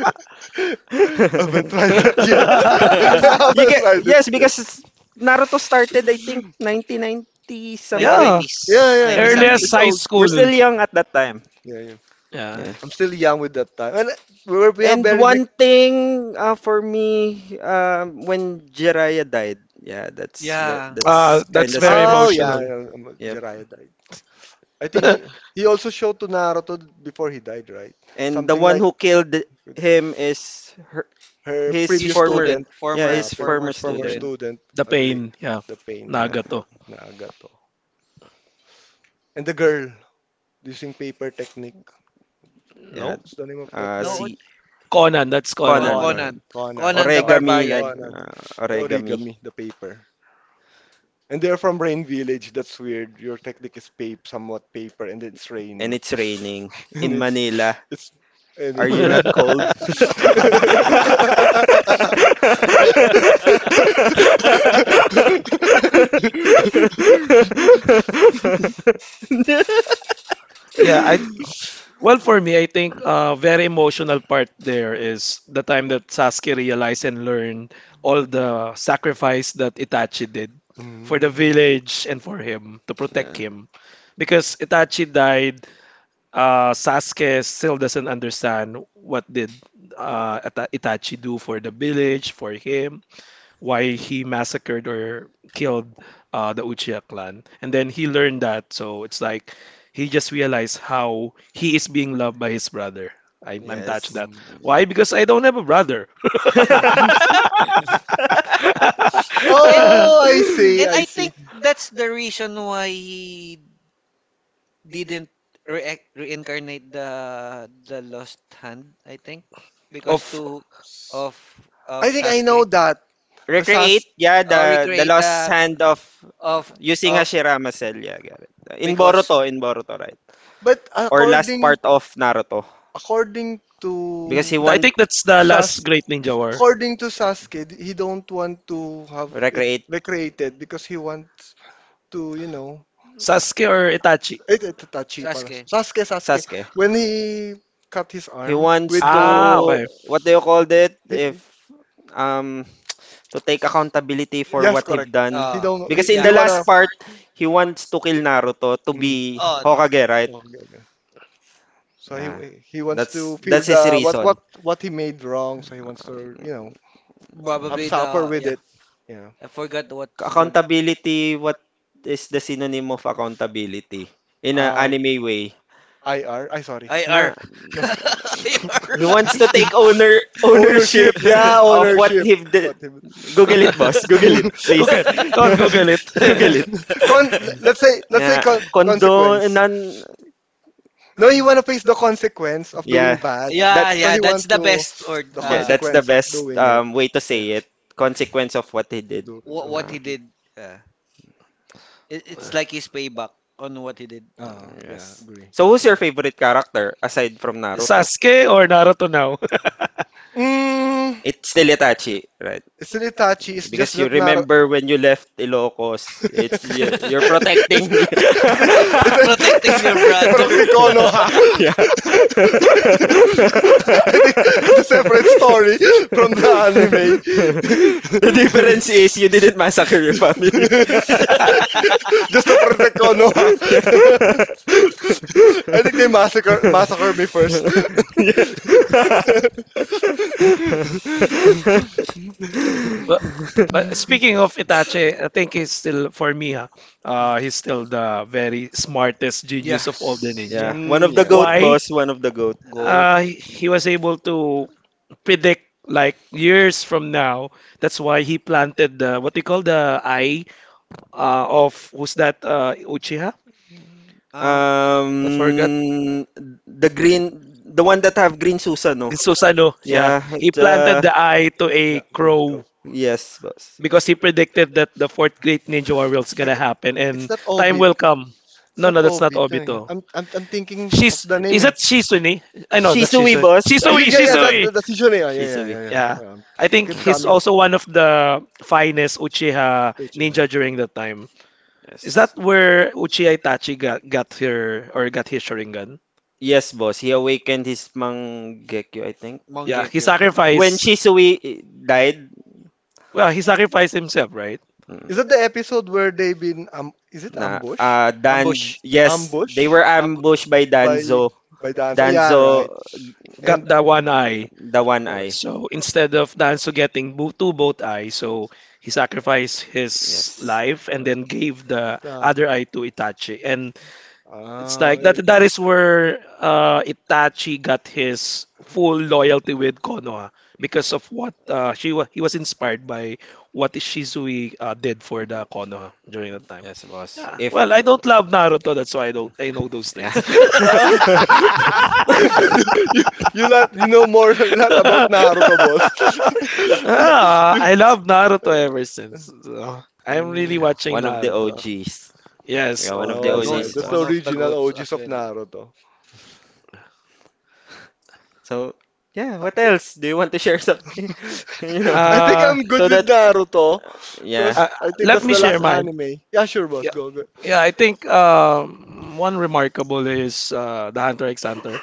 Speaker 3: Haven't tried that yet. I
Speaker 4: You
Speaker 3: haven't
Speaker 4: get
Speaker 3: tried it
Speaker 4: yes
Speaker 3: yet.
Speaker 4: because it's Naruto started I think 1990
Speaker 1: Yeah,
Speaker 4: something.
Speaker 3: Yeah,
Speaker 2: 1990s,
Speaker 3: yeah.
Speaker 2: 90
Speaker 3: yeah.
Speaker 4: Mhm.
Speaker 2: something.
Speaker 1: earliest
Speaker 3: It's
Speaker 1: high
Speaker 3: old. It's
Speaker 4: We're
Speaker 3: old.
Speaker 1: school.
Speaker 4: still young at that time.
Speaker 3: Yeah, yeah.
Speaker 1: Yeah.
Speaker 4: Yeah.
Speaker 3: I'm still young with that time. And we have
Speaker 4: And
Speaker 3: very weak.
Speaker 4: one thing for me when Jiraiya died, yeah,
Speaker 2: Yeah,
Speaker 1: Ah,
Speaker 4: that's kind
Speaker 1: that's
Speaker 4: of
Speaker 1: very
Speaker 4: saddens
Speaker 3: Oh
Speaker 4: me.
Speaker 3: yeah,
Speaker 1: emotional.
Speaker 3: yeah,
Speaker 4: Yep.
Speaker 3: Jiraiya died. I think he
Speaker 1: The
Speaker 3: he also showed to Naruto before he died, right?
Speaker 4: And the
Speaker 3: Something
Speaker 4: one
Speaker 3: like
Speaker 4: who killed him is her,
Speaker 3: her
Speaker 4: his
Speaker 2: he's
Speaker 3: previous
Speaker 4: former
Speaker 2: student,
Speaker 3: student,
Speaker 4: yeah,
Speaker 2: former
Speaker 3: uh,
Speaker 4: his
Speaker 3: pre-
Speaker 2: former
Speaker 4: former
Speaker 3: former
Speaker 4: student.
Speaker 2: student.
Speaker 3: student, agree,
Speaker 1: pain. Yeah,
Speaker 3: the pain,
Speaker 1: Nagato.
Speaker 3: Nagato, and the girl. Using paper technique.
Speaker 4: Yeah. Yeah.
Speaker 1: No,
Speaker 3: What's the name of that girl?
Speaker 2: No,
Speaker 4: C
Speaker 1: Conan. That's
Speaker 4: Conan,
Speaker 3: Conan.
Speaker 1: Conan.
Speaker 4: Conan.
Speaker 2: Conan,
Speaker 3: Conan.
Speaker 2: Conan the
Speaker 3: Conan.
Speaker 4: Origami, like
Speaker 2: Barbarian.
Speaker 3: Conan. The
Speaker 4: origami,
Speaker 3: origami, the paper. And they're from Rain Village. That's weird. Your technique is paper, somewhat paper, and it's
Speaker 4: and
Speaker 3: raining.
Speaker 4: it's raining
Speaker 3: And
Speaker 4: in Manila.
Speaker 3: it's and
Speaker 4: Are
Speaker 3: it's
Speaker 4: you not
Speaker 3: raining.
Speaker 4: cold?
Speaker 1: Yeah, I well, for me, I think a very emotional part there is the time that Sasuke realized and learned all the sacrifice that Itachi did
Speaker 3: Mm,
Speaker 1: for the village and for him to
Speaker 4: Yeah.
Speaker 1: protect him. Because Itachi died, Sasuke still doesn't understand what did Itachi do for the village, for him, why he massacred or killed, the Uchiha clan. And then he learned that, so it's like he just realized how he is being loved by his brother. I'm touched
Speaker 4: Yes.
Speaker 1: that. Why?
Speaker 3: I
Speaker 1: Because I don't have a brother.
Speaker 3: see.
Speaker 2: And
Speaker 3: Oh, I see,
Speaker 2: and
Speaker 3: I
Speaker 2: I
Speaker 3: see.
Speaker 2: think that's the reason why he didn't reincarnate the lost hand. I think because
Speaker 1: of
Speaker 2: to of of
Speaker 3: I think I
Speaker 2: Sasuke,
Speaker 3: know that. The SAS.
Speaker 4: Recreate, yeah,
Speaker 2: or
Speaker 4: the
Speaker 2: recreate
Speaker 4: lost
Speaker 2: the
Speaker 4: hand of
Speaker 2: of
Speaker 4: using
Speaker 2: uh,
Speaker 4: Hashirama Cell, yeah, got it.
Speaker 2: because
Speaker 4: In Boruto, right?
Speaker 3: But
Speaker 4: Or last
Speaker 3: according
Speaker 4: part of Naruto.
Speaker 3: according to
Speaker 4: Because he
Speaker 1: I
Speaker 4: want
Speaker 1: think that's the last
Speaker 3: SAS
Speaker 1: Great Ninja War.
Speaker 3: according to Sasuke, he don't want to have it
Speaker 4: recreate
Speaker 3: recreated because he wants to, you know,
Speaker 1: Sasuke or Itachi?
Speaker 3: it Itachi pala.
Speaker 2: Sasuke.
Speaker 3: Sasuke, Sasuke.
Speaker 4: Sasuke.
Speaker 3: When he cut his
Speaker 4: He
Speaker 3: arm
Speaker 4: wants
Speaker 3: with
Speaker 1: Ah,
Speaker 3: Naruto,
Speaker 4: to
Speaker 1: okay.
Speaker 4: what do you call it? If
Speaker 3: he,
Speaker 4: um to take accountability for
Speaker 3: yes,
Speaker 4: what he
Speaker 3: correct.
Speaker 4: have done.
Speaker 3: He
Speaker 2: Uh,
Speaker 3: don't. He,
Speaker 4: Because
Speaker 3: he
Speaker 4: in
Speaker 2: yeah.
Speaker 4: the
Speaker 3: wanna.
Speaker 4: last part, he wants to kill Naruto to
Speaker 3: Mm.
Speaker 4: be
Speaker 2: Oh,
Speaker 4: Hokage, right?
Speaker 3: Okay, okay. So
Speaker 4: Yeah.
Speaker 3: he wants to feel
Speaker 4: That's his
Speaker 3: the
Speaker 4: reason.
Speaker 3: what he made wrong. So he wants to, you know, have
Speaker 1: Hmm.
Speaker 2: probably
Speaker 3: supper
Speaker 2: the
Speaker 3: with
Speaker 2: yeah.
Speaker 3: it. Yeah.
Speaker 2: I forgot what's called
Speaker 4: Accountability, what is the synonym of accountability in an
Speaker 3: Uh,
Speaker 4: anime way?
Speaker 3: IR. I sorry.
Speaker 2: IR.
Speaker 4: Na
Speaker 3: No.
Speaker 4: he wants to take
Speaker 3: Ownership.
Speaker 4: ownership
Speaker 3: Yeah,
Speaker 4: of what
Speaker 3: ownership.
Speaker 4: he did.
Speaker 3: What he
Speaker 4: Google it, boss. Google it, please.
Speaker 1: Google. Go on, Google it.
Speaker 4: Google it.
Speaker 3: con let's say
Speaker 4: Yeah, condone
Speaker 3: consequence.
Speaker 4: non.
Speaker 3: No, he want to face the consequence of doing,
Speaker 4: Yeah,
Speaker 3: yeah, bad. Yeah,
Speaker 4: that
Speaker 2: Yeah,
Speaker 3: so he,
Speaker 2: yeah,
Speaker 3: yeah,
Speaker 2: that's
Speaker 3: want
Speaker 2: the
Speaker 3: to the,
Speaker 2: best or
Speaker 3: yeah,
Speaker 4: yeah, that's the
Speaker 3: consequence of
Speaker 4: best
Speaker 3: doing it.
Speaker 4: way to
Speaker 3: Yeah,
Speaker 4: say
Speaker 3: it.
Speaker 4: it. Consequence of what he did.
Speaker 3: do,
Speaker 2: what
Speaker 3: do
Speaker 2: what
Speaker 4: Ah,
Speaker 2: he
Speaker 3: what
Speaker 2: did. It's like his payback on what he did.
Speaker 3: ah, yeah,
Speaker 4: yes.
Speaker 3: agree.
Speaker 4: So who's your favorite character aside from Naruto?
Speaker 1: Sasuke or Naruto now?
Speaker 3: Mm. Mm,
Speaker 4: It's still Itachi, right?
Speaker 3: it's really touchy. It's just
Speaker 4: Because you
Speaker 3: that not.
Speaker 4: remember when you left Ilocos,
Speaker 3: It's,
Speaker 4: it's you're
Speaker 3: it's,
Speaker 4: protecting.
Speaker 3: it's,
Speaker 2: Protecting
Speaker 3: it's,
Speaker 2: your
Speaker 3: it's
Speaker 2: brother.
Speaker 3: parang Ticono, ha?
Speaker 4: Yeah.
Speaker 3: I think it's a separate story from the anime.
Speaker 4: The difference is you didn't massacre your family.
Speaker 3: Just to protect Konoha.
Speaker 4: Yeah.
Speaker 3: I think they massacre me first.
Speaker 4: Yeah.
Speaker 1: But but speaking of Itachi, I think he's still for me, he's still the very smartest genius of all the
Speaker 2: Yes.
Speaker 1: ninja.
Speaker 4: Yeah, one
Speaker 3: Mm,
Speaker 4: of the
Speaker 3: yeah,
Speaker 4: goat
Speaker 3: yeah.
Speaker 1: Why?
Speaker 4: boss, one of the goat.
Speaker 2: Goat.
Speaker 1: He was able to predict like years from now. That's why he planted the what they call the eye, of who's that, Uchiha?
Speaker 2: Uh
Speaker 1: I forgot.
Speaker 4: Um, the green, the one that have green Susan, no?
Speaker 1: It's Susanoo.
Speaker 3: So,
Speaker 1: Yeah,
Speaker 4: Yeah,
Speaker 1: he planted the eye to
Speaker 3: na,
Speaker 1: a
Speaker 3: oh, oh.
Speaker 1: crow
Speaker 4: yes, boss.
Speaker 1: because
Speaker 3: It's
Speaker 1: he predicted that the fourth great Ninja war is gonna
Speaker 3: not
Speaker 1: happen, and
Speaker 3: I
Speaker 1: time
Speaker 3: Obit.
Speaker 1: will come.
Speaker 3: It's
Speaker 1: No,
Speaker 3: not
Speaker 1: no, that's not
Speaker 3: Obit. No, yeah.
Speaker 1: Obito.
Speaker 3: I'm thinking of
Speaker 1: She's
Speaker 3: the name.
Speaker 1: Is that Shizune? I
Speaker 3: Eh.
Speaker 1: know that's
Speaker 4: Shisui,
Speaker 1: Shizune.
Speaker 4: boss. I
Speaker 3: Yeah,
Speaker 1: Shisui,
Speaker 4: think
Speaker 3: yeah, that
Speaker 4: Shisui.
Speaker 1: Shisui.
Speaker 3: that's, yeah, yeah, yeah,
Speaker 4: Shisui.
Speaker 3: yeah,
Speaker 1: Yeah,
Speaker 3: yeah.
Speaker 1: I think
Speaker 3: Keep
Speaker 4: Ah,
Speaker 1: he's
Speaker 3: coming.
Speaker 1: also one of the finest Uchiha
Speaker 3: Which, yeah.
Speaker 1: ninja during that time. Is
Speaker 4: yes.
Speaker 1: that where Uchiha Itachi got her or got his Sharingan?
Speaker 4: Yes, boss. He awakened his Mangekyou, I think.
Speaker 1: Yeah, he
Speaker 2: Mangekyo.
Speaker 4: When
Speaker 1: sacrificed.
Speaker 4: Shisui died,
Speaker 1: Well, he sacrificed himself, right?
Speaker 3: Is that the
Speaker 4: mm,
Speaker 3: episode where they been, is it
Speaker 4: na
Speaker 3: ambush?
Speaker 4: Dan
Speaker 2: Ambush.
Speaker 4: yes, they
Speaker 3: Ambush
Speaker 4: were
Speaker 2: Amb
Speaker 4: ambushed by Danzo.
Speaker 3: by dance. Oh yeah,
Speaker 4: Danzo,
Speaker 3: right.
Speaker 1: Got
Speaker 3: And
Speaker 1: that one eye.
Speaker 4: the one eye.
Speaker 3: correct.
Speaker 1: So instead of Danzo getting two both eyes, so he sacrificed his
Speaker 4: Yes,
Speaker 1: life
Speaker 3: Yeah.
Speaker 1: and then gave the
Speaker 3: Ah,
Speaker 1: other eye to Itachi. And it's like that that is where Itachi got his full loyalty with Konoha because of what, she was. He was inspired by what Shizui, did for the Konoha during that time.
Speaker 4: yes, boss.
Speaker 1: Yeah.
Speaker 4: If
Speaker 1: Well, I don't love Naruto, that's why I don't I know those
Speaker 4: yeah,
Speaker 1: things.
Speaker 3: ah. you, you lot, you know more lot about Naruto, boss.
Speaker 1: Ah,
Speaker 3: You-
Speaker 1: I love Naruto ever since. So, I'm really
Speaker 3: mm,
Speaker 4: Yeah,
Speaker 1: watching
Speaker 4: one of the
Speaker 1: Naruto.
Speaker 4: OGs.
Speaker 1: Yes,
Speaker 4: Yeah, one of
Speaker 1: old
Speaker 4: the
Speaker 3: oh
Speaker 1: gods,
Speaker 2: Goat,
Speaker 1: I
Speaker 3: yeah,
Speaker 4: OGs,
Speaker 1: would
Speaker 3: that's
Speaker 1: say.
Speaker 3: the
Speaker 2: one
Speaker 4: boss.
Speaker 2: of the
Speaker 3: original
Speaker 2: goats
Speaker 3: OGs
Speaker 2: as
Speaker 3: of
Speaker 2: well.
Speaker 3: Naruto.
Speaker 4: So yeah, what else? Do you want to share something? You know,
Speaker 3: I think
Speaker 1: Uh,
Speaker 3: I'm good
Speaker 4: so
Speaker 3: with
Speaker 4: that.
Speaker 3: Naruto,
Speaker 4: Yeah.
Speaker 3: cause
Speaker 1: uh,
Speaker 3: I think
Speaker 1: Let
Speaker 3: that's
Speaker 1: me
Speaker 3: the
Speaker 1: share
Speaker 3: last
Speaker 4: Uh,
Speaker 1: mine.
Speaker 3: anime. Yeah, sure, boss.
Speaker 1: Yeah,
Speaker 3: Go, go.
Speaker 1: yeah. I think, one remarkable is, the Hunter x Hunter.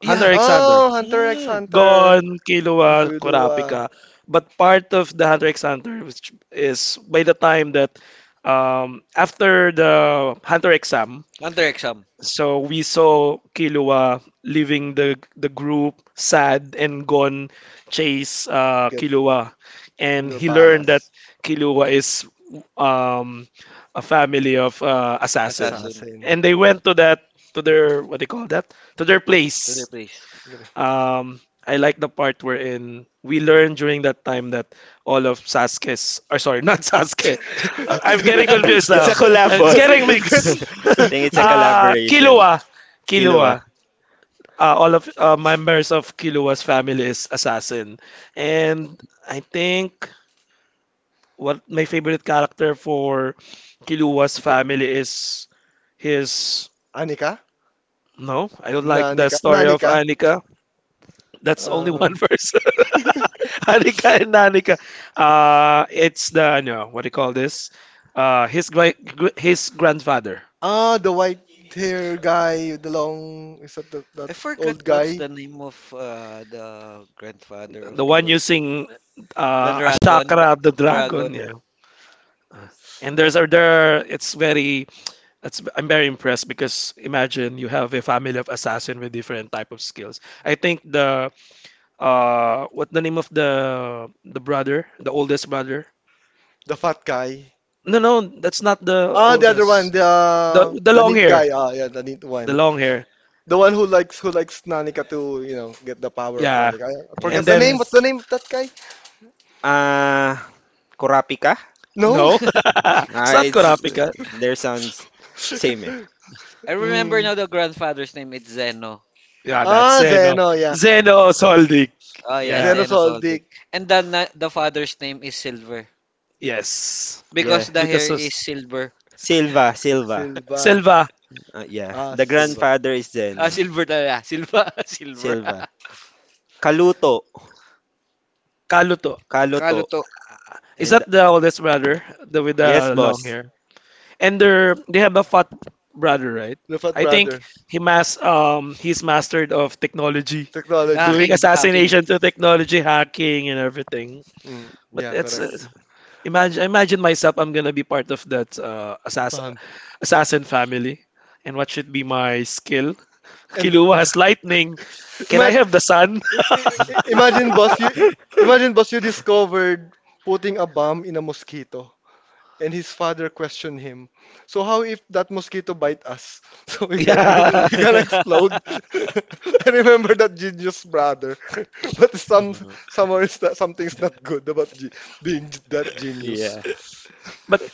Speaker 2: Yeah.
Speaker 1: Hunter x Hunter.
Speaker 3: Oh, Hunter x
Speaker 2: Mm.
Speaker 3: Hunter.
Speaker 1: Gon,
Speaker 3: Ang
Speaker 1: Killua,
Speaker 3: Killua.
Speaker 1: Kurapika. But part of the Hunter x Hunter which is by the time that, after the Hunter exam,
Speaker 2: Under exam.
Speaker 1: so we saw Killua leaving the group sad and gone chase,
Speaker 3: Get
Speaker 1: Killua,
Speaker 3: in
Speaker 1: and
Speaker 3: their
Speaker 1: he learned that
Speaker 3: palace.
Speaker 1: Killua is, um, a family of, assassin,
Speaker 2: Assassin.
Speaker 3: Assassin.
Speaker 1: and they went to that to their what they call that to their
Speaker 2: To their
Speaker 1: place,
Speaker 2: place.
Speaker 3: Agree.
Speaker 1: um, I like the part wherein we learn during that time that all of Sasuke's, or sorry, not
Speaker 3: Let's
Speaker 1: Sasuke. I'm getting confused
Speaker 4: it's a
Speaker 1: now.
Speaker 4: collab,
Speaker 1: It's
Speaker 4: boss.
Speaker 1: getting
Speaker 3: go.
Speaker 1: mixed.
Speaker 4: I think it's a collaboration.
Speaker 1: Killua,
Speaker 4: Kilua.
Speaker 1: Killua. All of members of Killua's family is assassin, and I think what my favorite character for Killua's
Speaker 4: Go on.
Speaker 1: family is his.
Speaker 3: Anika?
Speaker 1: No, I don't like the
Speaker 3: Nanika?
Speaker 1: story of
Speaker 3: Nanika?
Speaker 1: Anika. That's only one
Speaker 3: Um,
Speaker 1: verse. Hanika and Nanika. It's the no, what do you call this? Uh, his grandfather,
Speaker 3: ah, the white hair guy, with the long, is that the, that
Speaker 2: I forgot
Speaker 3: old
Speaker 2: what's
Speaker 3: guy?
Speaker 2: the name of the grandfather
Speaker 1: the
Speaker 2: of
Speaker 1: one
Speaker 2: Kilo.
Speaker 1: using
Speaker 2: The dragon, the
Speaker 1: Ashakra the dragon.
Speaker 2: dragon.
Speaker 1: Yeah, and there's other. It's very. It's I'm very impressed because imagine you have a family of assassin with different type of skills. I think the what the name of the brother, the oldest brother.
Speaker 3: The fat guy?
Speaker 1: No, no, that's not the
Speaker 3: Ah, the other one,
Speaker 1: oldest. The the
Speaker 3: the
Speaker 1: long
Speaker 3: neat
Speaker 1: hair.
Speaker 3: guy. Ah, yeah, the neat
Speaker 1: The
Speaker 3: one.
Speaker 1: long hair.
Speaker 3: The one who likes Nanika to, you know, get the power of
Speaker 1: Yeah.
Speaker 3: Nanika. I
Speaker 1: And
Speaker 3: forget the
Speaker 4: Yes,
Speaker 3: name.
Speaker 1: then
Speaker 3: What's
Speaker 4: yes.
Speaker 3: the name of that guy?
Speaker 4: Uh, Kurapika?
Speaker 3: No.
Speaker 1: no. It's not
Speaker 4: It's
Speaker 1: Kurapika.
Speaker 4: their sounds same. Eh.
Speaker 2: I remember
Speaker 3: Mm.
Speaker 2: now the grandfather's name is Zeno.
Speaker 1: Yeah, that's
Speaker 3: Ah,
Speaker 1: Zeno.
Speaker 3: Zeno, yeah.
Speaker 1: Zeno Soldik.
Speaker 2: Oh yeah,
Speaker 1: Yeah.
Speaker 3: Zeno
Speaker 2: Zeno Soldic.
Speaker 3: Soldic.
Speaker 2: And the father's name is Silver
Speaker 1: Yes.
Speaker 4: Yeah.
Speaker 2: because the hair
Speaker 1: Because of
Speaker 2: is silver.
Speaker 4: Silva, Silva.
Speaker 3: Silva.
Speaker 1: Silva
Speaker 4: Yeah.
Speaker 3: Ah,
Speaker 4: The
Speaker 3: Silva.
Speaker 4: grandfather is
Speaker 2: Ah,
Speaker 4: Zeno.
Speaker 2: silver talaga. Silva, silver.
Speaker 4: Silva. Kaluto.
Speaker 1: Kaluto.
Speaker 4: Kaluto.
Speaker 2: Kaluto.
Speaker 1: Is
Speaker 4: And
Speaker 1: that the oldest brother? The with
Speaker 4: yes,
Speaker 1: the long
Speaker 4: boss.
Speaker 1: hair. And they're they have a fat brother, right?
Speaker 3: Lufat
Speaker 1: I think
Speaker 3: brother.
Speaker 1: he mas he's mastered of technology. Doing
Speaker 3: Technology.
Speaker 2: Hacking, hacking.
Speaker 1: assassination to technology hacking and everything.
Speaker 3: Mm.
Speaker 1: But
Speaker 3: Yeah,
Speaker 1: it's
Speaker 3: correct.
Speaker 1: imagine, imagine myself. I'm gonna be part of that
Speaker 3: Pam.
Speaker 1: assassin family. And what should be my skill?
Speaker 3: And
Speaker 1: Killua has lightning. Can I
Speaker 3: imagine,
Speaker 1: have the sun?
Speaker 3: imagine boss, you imagine boss you discovered putting a bomb in a mosquito. And his father questioned him, "So how if that mosquito bite us? So we gonna
Speaker 1: Yeah.
Speaker 3: we gonna explode?" I remember that genius brother, but somewhere is that something's not good about being that genius.
Speaker 4: Yeah.
Speaker 1: But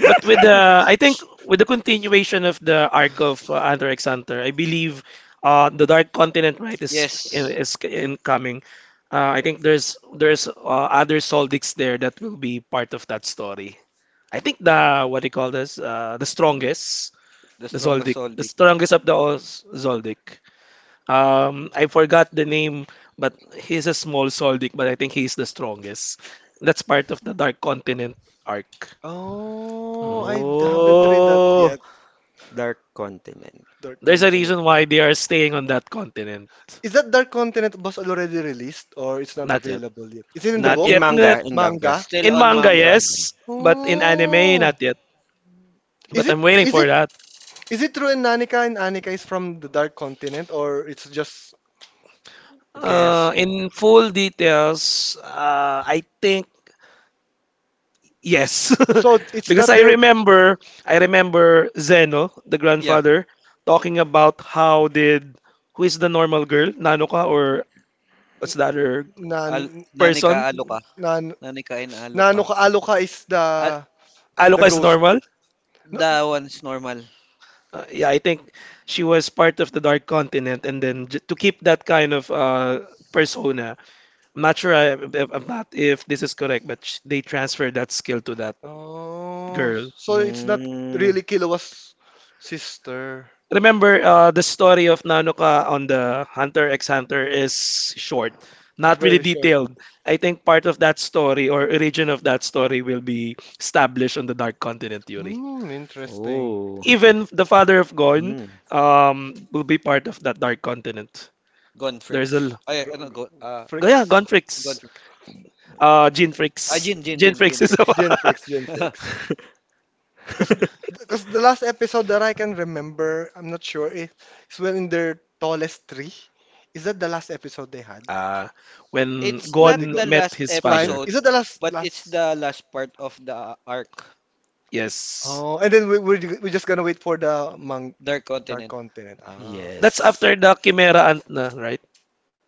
Speaker 1: but with the I think with the continuation of the arc of Hunter x Hunter, I believe the Dark Continent right is
Speaker 2: Yes.
Speaker 1: is incoming. I think there's other Soldics there that will be part of that story. I think the what do you call this? The strongest,
Speaker 2: The
Speaker 1: the
Speaker 2: strongest
Speaker 1: Zoldyck, the
Speaker 2: Soldic.
Speaker 1: strongest of the all Zoldyck. I forgot the name, but he's a small Zoldyck, but I think he's the strongest. That's part of the Dark Continent arc.
Speaker 3: Oh,
Speaker 1: Mm.
Speaker 3: I haven't read that
Speaker 4: Oh,
Speaker 3: yet.
Speaker 4: Dark Continent.
Speaker 3: Dark
Speaker 1: There's a
Speaker 3: Continent.
Speaker 1: reason why they are staying on that continent.
Speaker 3: Is that Dark Continent was already released or it's not
Speaker 1: Not yet.
Speaker 3: available yet? Is it in the
Speaker 1: Not
Speaker 2: Not
Speaker 3: book?
Speaker 4: In
Speaker 2: yet.
Speaker 1: yet. Not
Speaker 4: manga, in manga.
Speaker 3: Manga?
Speaker 2: Still
Speaker 1: in
Speaker 2: on
Speaker 1: manga,
Speaker 4: Yeah.
Speaker 2: manga.
Speaker 1: yes, but in anime, not
Speaker 3: Oh,
Speaker 1: yet.
Speaker 3: is
Speaker 1: But
Speaker 3: it
Speaker 1: I'm waiting
Speaker 3: is
Speaker 1: for
Speaker 3: it
Speaker 1: that.
Speaker 3: is it true in Nanika and Anika is from the Dark Continent or it's just a guess? Or...
Speaker 1: In full details, I think yes,
Speaker 3: So it's
Speaker 1: because
Speaker 3: not their
Speaker 1: I remember Zeno, the
Speaker 2: Yeah.
Speaker 1: grandfather, talking about how did who is the normal girl, Nanoka or what's the other
Speaker 3: nan
Speaker 2: Al Nani ka,
Speaker 1: person?
Speaker 2: alo ka,
Speaker 3: nan
Speaker 2: nani ka, in alo ka.
Speaker 3: Nanuka Aluka
Speaker 2: Ah,
Speaker 3: is the
Speaker 1: Aloka is
Speaker 3: ghost.
Speaker 1: normal.
Speaker 3: No.
Speaker 2: that one's normal.
Speaker 1: Yeah, I think she was part of the Dark Continent, and then j to keep that kind of persona, I'm not sure I, if- I'm not if this is correct, but sh they transferred that skill to that
Speaker 3: Oh,
Speaker 1: girl.
Speaker 3: so it's not
Speaker 4: Mm.
Speaker 3: really Killua's sister.
Speaker 1: Remember the story of Nanoka on the Hunter x Hunter is short, not really
Speaker 3: Very short.
Speaker 1: detailed. I think part of that story or origin of that story will be established on the Dark Continent Yuri.
Speaker 3: Hmm, interesting.
Speaker 4: Oh.
Speaker 1: Even the father of Gon
Speaker 4: Mm.
Speaker 1: will be part of that Dark Continent.
Speaker 2: Gone
Speaker 1: There's a
Speaker 2: freaks.
Speaker 1: l-
Speaker 2: Ay, ano, go, ah,
Speaker 3: Freak.
Speaker 1: yeah, Gon
Speaker 2: gone
Speaker 1: Freaks,
Speaker 2: freaks.
Speaker 1: Gene
Speaker 2: Ah,
Speaker 1: Freaks.
Speaker 2: Jin, Jin,
Speaker 1: Gene
Speaker 2: Jin, Jin
Speaker 1: Freaks is the
Speaker 2: freaks.
Speaker 3: Gen
Speaker 1: one.
Speaker 3: Freaks, Gen Freaks. Because because the last episode that I can remember, I'm not sure, is when in their tallest tree. Is that the last episode they had?
Speaker 1: uh, when
Speaker 2: It's
Speaker 3: When
Speaker 2: not
Speaker 3: they
Speaker 1: Gon
Speaker 3: got
Speaker 2: the
Speaker 1: met
Speaker 2: last
Speaker 1: his
Speaker 3: climb?
Speaker 1: father.
Speaker 3: Is
Speaker 2: episode,
Speaker 3: that the last
Speaker 2: but it's
Speaker 3: last?
Speaker 2: the last part of the arc,
Speaker 1: Yes.
Speaker 3: Oh, and then we're just gonna wait for the mang
Speaker 2: Dark
Speaker 3: Dark
Speaker 2: Continent.
Speaker 3: Continent. Ah,
Speaker 1: That's
Speaker 4: Yes.
Speaker 1: after the Chimera Ant na, right?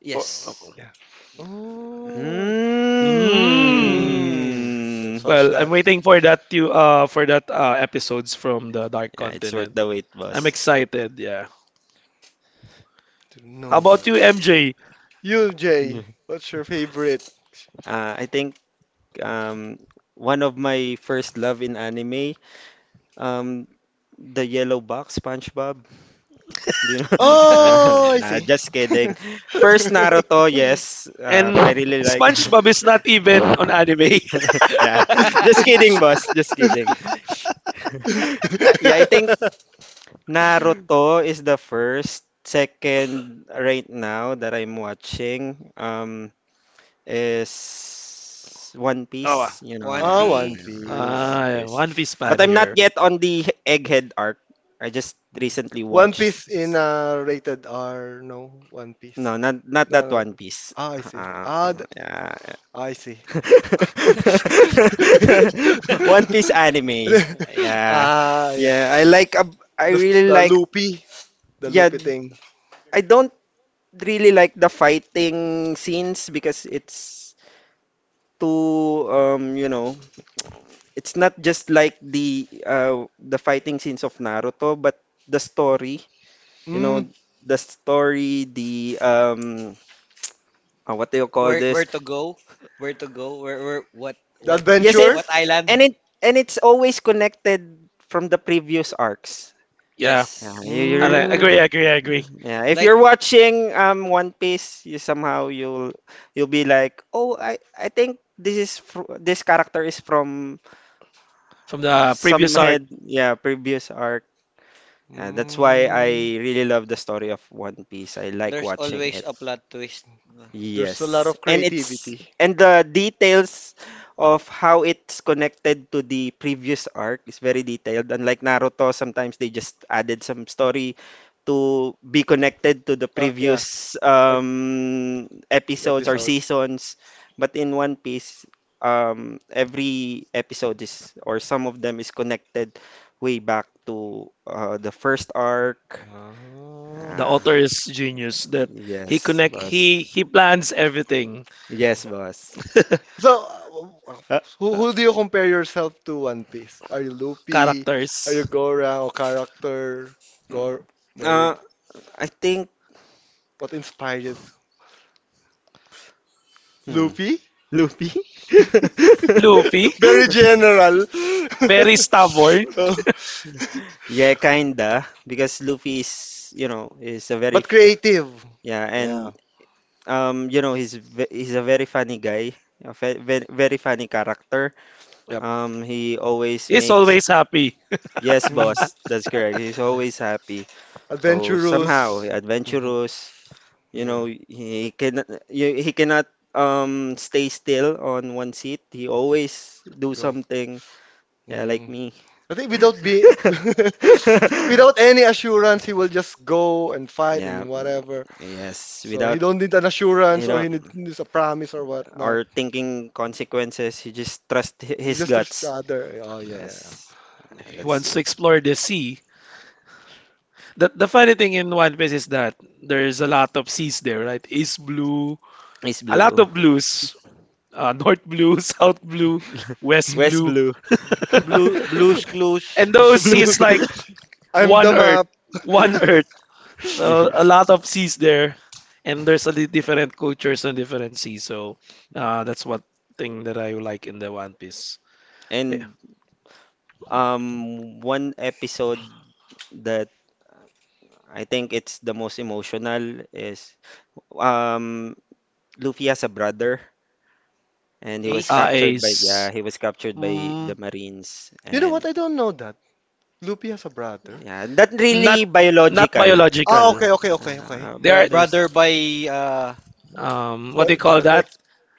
Speaker 1: For, yes. Oh.
Speaker 3: yeah. Oh,
Speaker 1: Mm.
Speaker 3: mm, let's
Speaker 4: Mm.
Speaker 3: watch
Speaker 1: Well, I'm
Speaker 3: that.
Speaker 1: waiting for that to for that episodes from the Dark
Speaker 4: Yeah, it's worth
Speaker 1: Continent.
Speaker 4: the wait,
Speaker 1: I'm
Speaker 4: boss.
Speaker 1: excited, yeah.
Speaker 3: Didn't
Speaker 1: How
Speaker 3: know
Speaker 1: about you,
Speaker 3: that.
Speaker 1: MJ?
Speaker 3: You,
Speaker 4: Yeah.
Speaker 3: Jay, what's your favorite?
Speaker 4: I think um one of my first love in anime, um the yellow box SpongeBob. Do you know? Ah,
Speaker 3: Oh, I
Speaker 4: nah,
Speaker 3: see.
Speaker 4: just kidding. First Naruto, yes.
Speaker 1: And
Speaker 4: I really like
Speaker 1: SpongeBob is not even on anime.
Speaker 4: Yeah. Just kidding, boss. Just kidding. Yeah, yeah, I think Naruto is the first. Second, right now that I'm watching, is One
Speaker 1: Oh, ah,
Speaker 4: Piece. You know,
Speaker 2: One
Speaker 3: Ah, One
Speaker 2: Piece.
Speaker 4: I
Speaker 3: Piece.
Speaker 4: One
Speaker 1: ah, yeah,
Speaker 4: Piece.
Speaker 1: One Piece fan
Speaker 4: But I'm not
Speaker 1: here.
Speaker 4: yet on the Egghead arc. I just recently
Speaker 3: One
Speaker 4: watched.
Speaker 3: Piece in rated R, no? One Piece.
Speaker 4: No, not not
Speaker 3: No,
Speaker 4: that
Speaker 3: no, no.
Speaker 4: One Piece.
Speaker 3: Ah, I see.
Speaker 4: Yeah.
Speaker 3: I see.
Speaker 4: One Piece anime. Yeah.
Speaker 3: Ah, yeah.
Speaker 4: Yeah, I
Speaker 3: The,
Speaker 4: really
Speaker 3: the
Speaker 4: like
Speaker 3: loopy, the
Speaker 4: yeah,
Speaker 3: loopy thing.
Speaker 4: I don't really like the fighting scenes because it's too you know, it's not just like the fighting scenes of Naruto, but the story, you
Speaker 3: Mm,
Speaker 4: know, the story, the what do you call
Speaker 2: Where
Speaker 4: this?
Speaker 2: to go? Where to go? Where what
Speaker 3: the
Speaker 2: what
Speaker 4: Yes, it
Speaker 3: adventure.
Speaker 2: what island?
Speaker 4: and it and it's always connected from the previous arcs.
Speaker 1: Yeah,
Speaker 4: Yeah, you,
Speaker 2: Yes.
Speaker 4: you
Speaker 1: and
Speaker 3: Mm,
Speaker 1: I agree.
Speaker 4: Yeah, if
Speaker 2: Like,
Speaker 4: you're watching One Piece, you somehow you'll be like, "Oh, I think this character is from
Speaker 1: From the
Speaker 4: some
Speaker 1: previous arc,
Speaker 4: head, yeah, previous arc." Yeah, that's why I
Speaker 3: mm.
Speaker 4: really love the story of One Piece. I like
Speaker 2: there's
Speaker 4: watching
Speaker 2: always
Speaker 4: it.
Speaker 2: a plot twist.
Speaker 3: There's a lot
Speaker 4: Yes,
Speaker 3: of
Speaker 4: and it's
Speaker 3: creativity.
Speaker 4: and the details of how it's connected to the previous arc is very detailed. Unlike Naruto, sometimes they just added some story to be connected to the
Speaker 3: Yeah.
Speaker 4: previous episodes or
Speaker 3: Episode.
Speaker 4: seasons. But in One Piece, every episode is or some of them is connected way back to the first arc.
Speaker 3: Oh.
Speaker 1: the
Speaker 4: Ah,
Speaker 1: author is genius that he
Speaker 4: yes,
Speaker 1: connect
Speaker 4: was.
Speaker 1: he plans everything.
Speaker 4: Yes, boss.
Speaker 3: So,
Speaker 4: Uh, uh,
Speaker 3: who do you compare yourself to One Piece? Are you Luffy? Are you
Speaker 1: Characters.
Speaker 3: Gora or character? Gor, very.
Speaker 4: uh, I think,
Speaker 3: What inspired you?
Speaker 4: hmm,
Speaker 3: Luffy?
Speaker 4: Luffy.
Speaker 1: Luffy,
Speaker 3: Very general.
Speaker 1: very stubborn.
Speaker 3: Oh,
Speaker 4: Yeah, kinda, because Luffy is, you know, is a very
Speaker 3: but creative.
Speaker 4: yeah,
Speaker 3: Yeah.
Speaker 4: and you know, he's a very funny guy, a fe ve very funny character.
Speaker 1: Yep.
Speaker 4: He always
Speaker 1: He's always
Speaker 4: makes
Speaker 1: happy.
Speaker 4: yes,
Speaker 3: Mm.
Speaker 4: boss, that's correct. He's
Speaker 3: Oh,
Speaker 4: always happy. So somehow
Speaker 3: adventurous. Mhm.
Speaker 4: adventurous. You
Speaker 3: Yeah.
Speaker 4: know, he cannot stay still on one seat. He always do
Speaker 3: Go.
Speaker 4: something. Yeah, like
Speaker 3: Mm.
Speaker 4: me.
Speaker 3: I think without be without any assurance, he will just go and fight
Speaker 4: Yeah.
Speaker 3: and whatever.
Speaker 4: Yes,
Speaker 3: So he
Speaker 4: without
Speaker 3: don't need an assurance
Speaker 4: you
Speaker 3: or
Speaker 4: know
Speaker 3: he needs a promise or whatnot.
Speaker 4: or thinking consequences, he just
Speaker 3: He
Speaker 4: his
Speaker 3: just trusts each
Speaker 4: guts.
Speaker 3: other. Oh yeah,
Speaker 4: Yes, and
Speaker 1: He
Speaker 4: that's
Speaker 1: wants to explore the sea. The funny thing in One Piece is that there's a lot of seas there, right? East blue,
Speaker 4: is
Speaker 1: a lot
Speaker 4: blue.
Speaker 1: of blues. North blue, South blue, West
Speaker 4: West
Speaker 1: blue.
Speaker 4: blue.
Speaker 3: yeah.
Speaker 2: Blue Blues Clues.
Speaker 1: And those
Speaker 4: Blues.
Speaker 1: seas like
Speaker 3: I'm the
Speaker 1: one earth,
Speaker 3: map.
Speaker 1: one earth. So a lot of seas there, and there's a different cultures and different seas. So that's one thing that I like in the One Piece. Yeah.
Speaker 4: And um one episode that I think it's the most emotional is um Luffy has a brother, and he was
Speaker 2: Ace.
Speaker 4: captured by yeah,
Speaker 1: Ace.
Speaker 4: he was captured by
Speaker 2: Mm,
Speaker 4: the Marines
Speaker 3: You know what?
Speaker 4: and
Speaker 3: I don't know that. Luffy has a brother.
Speaker 4: yeah, not really
Speaker 1: Not not
Speaker 4: biological.
Speaker 3: Ah,
Speaker 1: biological.
Speaker 3: okay, okay, okay, okay.
Speaker 1: They are
Speaker 4: Brothers.
Speaker 2: brother by uh
Speaker 1: what do you
Speaker 3: Like,
Speaker 1: call
Speaker 2: uh,
Speaker 3: like,
Speaker 1: that?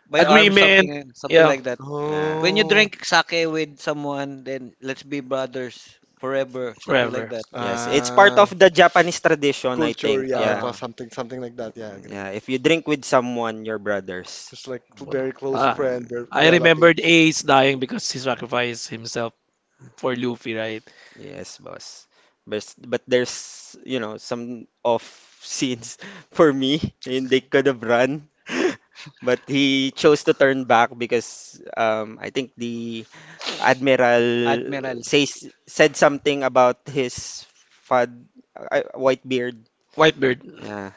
Speaker 2: by arm,
Speaker 1: Agreement.
Speaker 2: something something
Speaker 1: Yeah,
Speaker 2: like that.
Speaker 4: Uh,
Speaker 2: When you
Speaker 3: oh,
Speaker 2: drink sake with someone, then let's be brothers forever, something like
Speaker 1: forever.
Speaker 2: that.
Speaker 4: yes, it's part
Speaker 3: ah.
Speaker 4: of the Japanese tradition, I
Speaker 3: Culture,
Speaker 4: think.
Speaker 3: yeah,
Speaker 4: Yeah.
Speaker 2: Uh
Speaker 3: something something like that. Yeah, I agree.
Speaker 4: Yeah, if you drink with someone, your brothers.
Speaker 3: It's like very
Speaker 2: mm.
Speaker 3: close
Speaker 1: Ah,
Speaker 4: Uh,
Speaker 3: friend, their
Speaker 1: I remembered
Speaker 3: relatives.
Speaker 1: Ace dying because he sacrificed himself for Luffy, right?
Speaker 4: Yes, boss. But there's you know some off scenes for me, and they could have run, but he chose to turn back because I think the admiral
Speaker 2: Admiral.
Speaker 4: says said something about his fad white beard.
Speaker 1: Whitebeard.
Speaker 4: Yeah,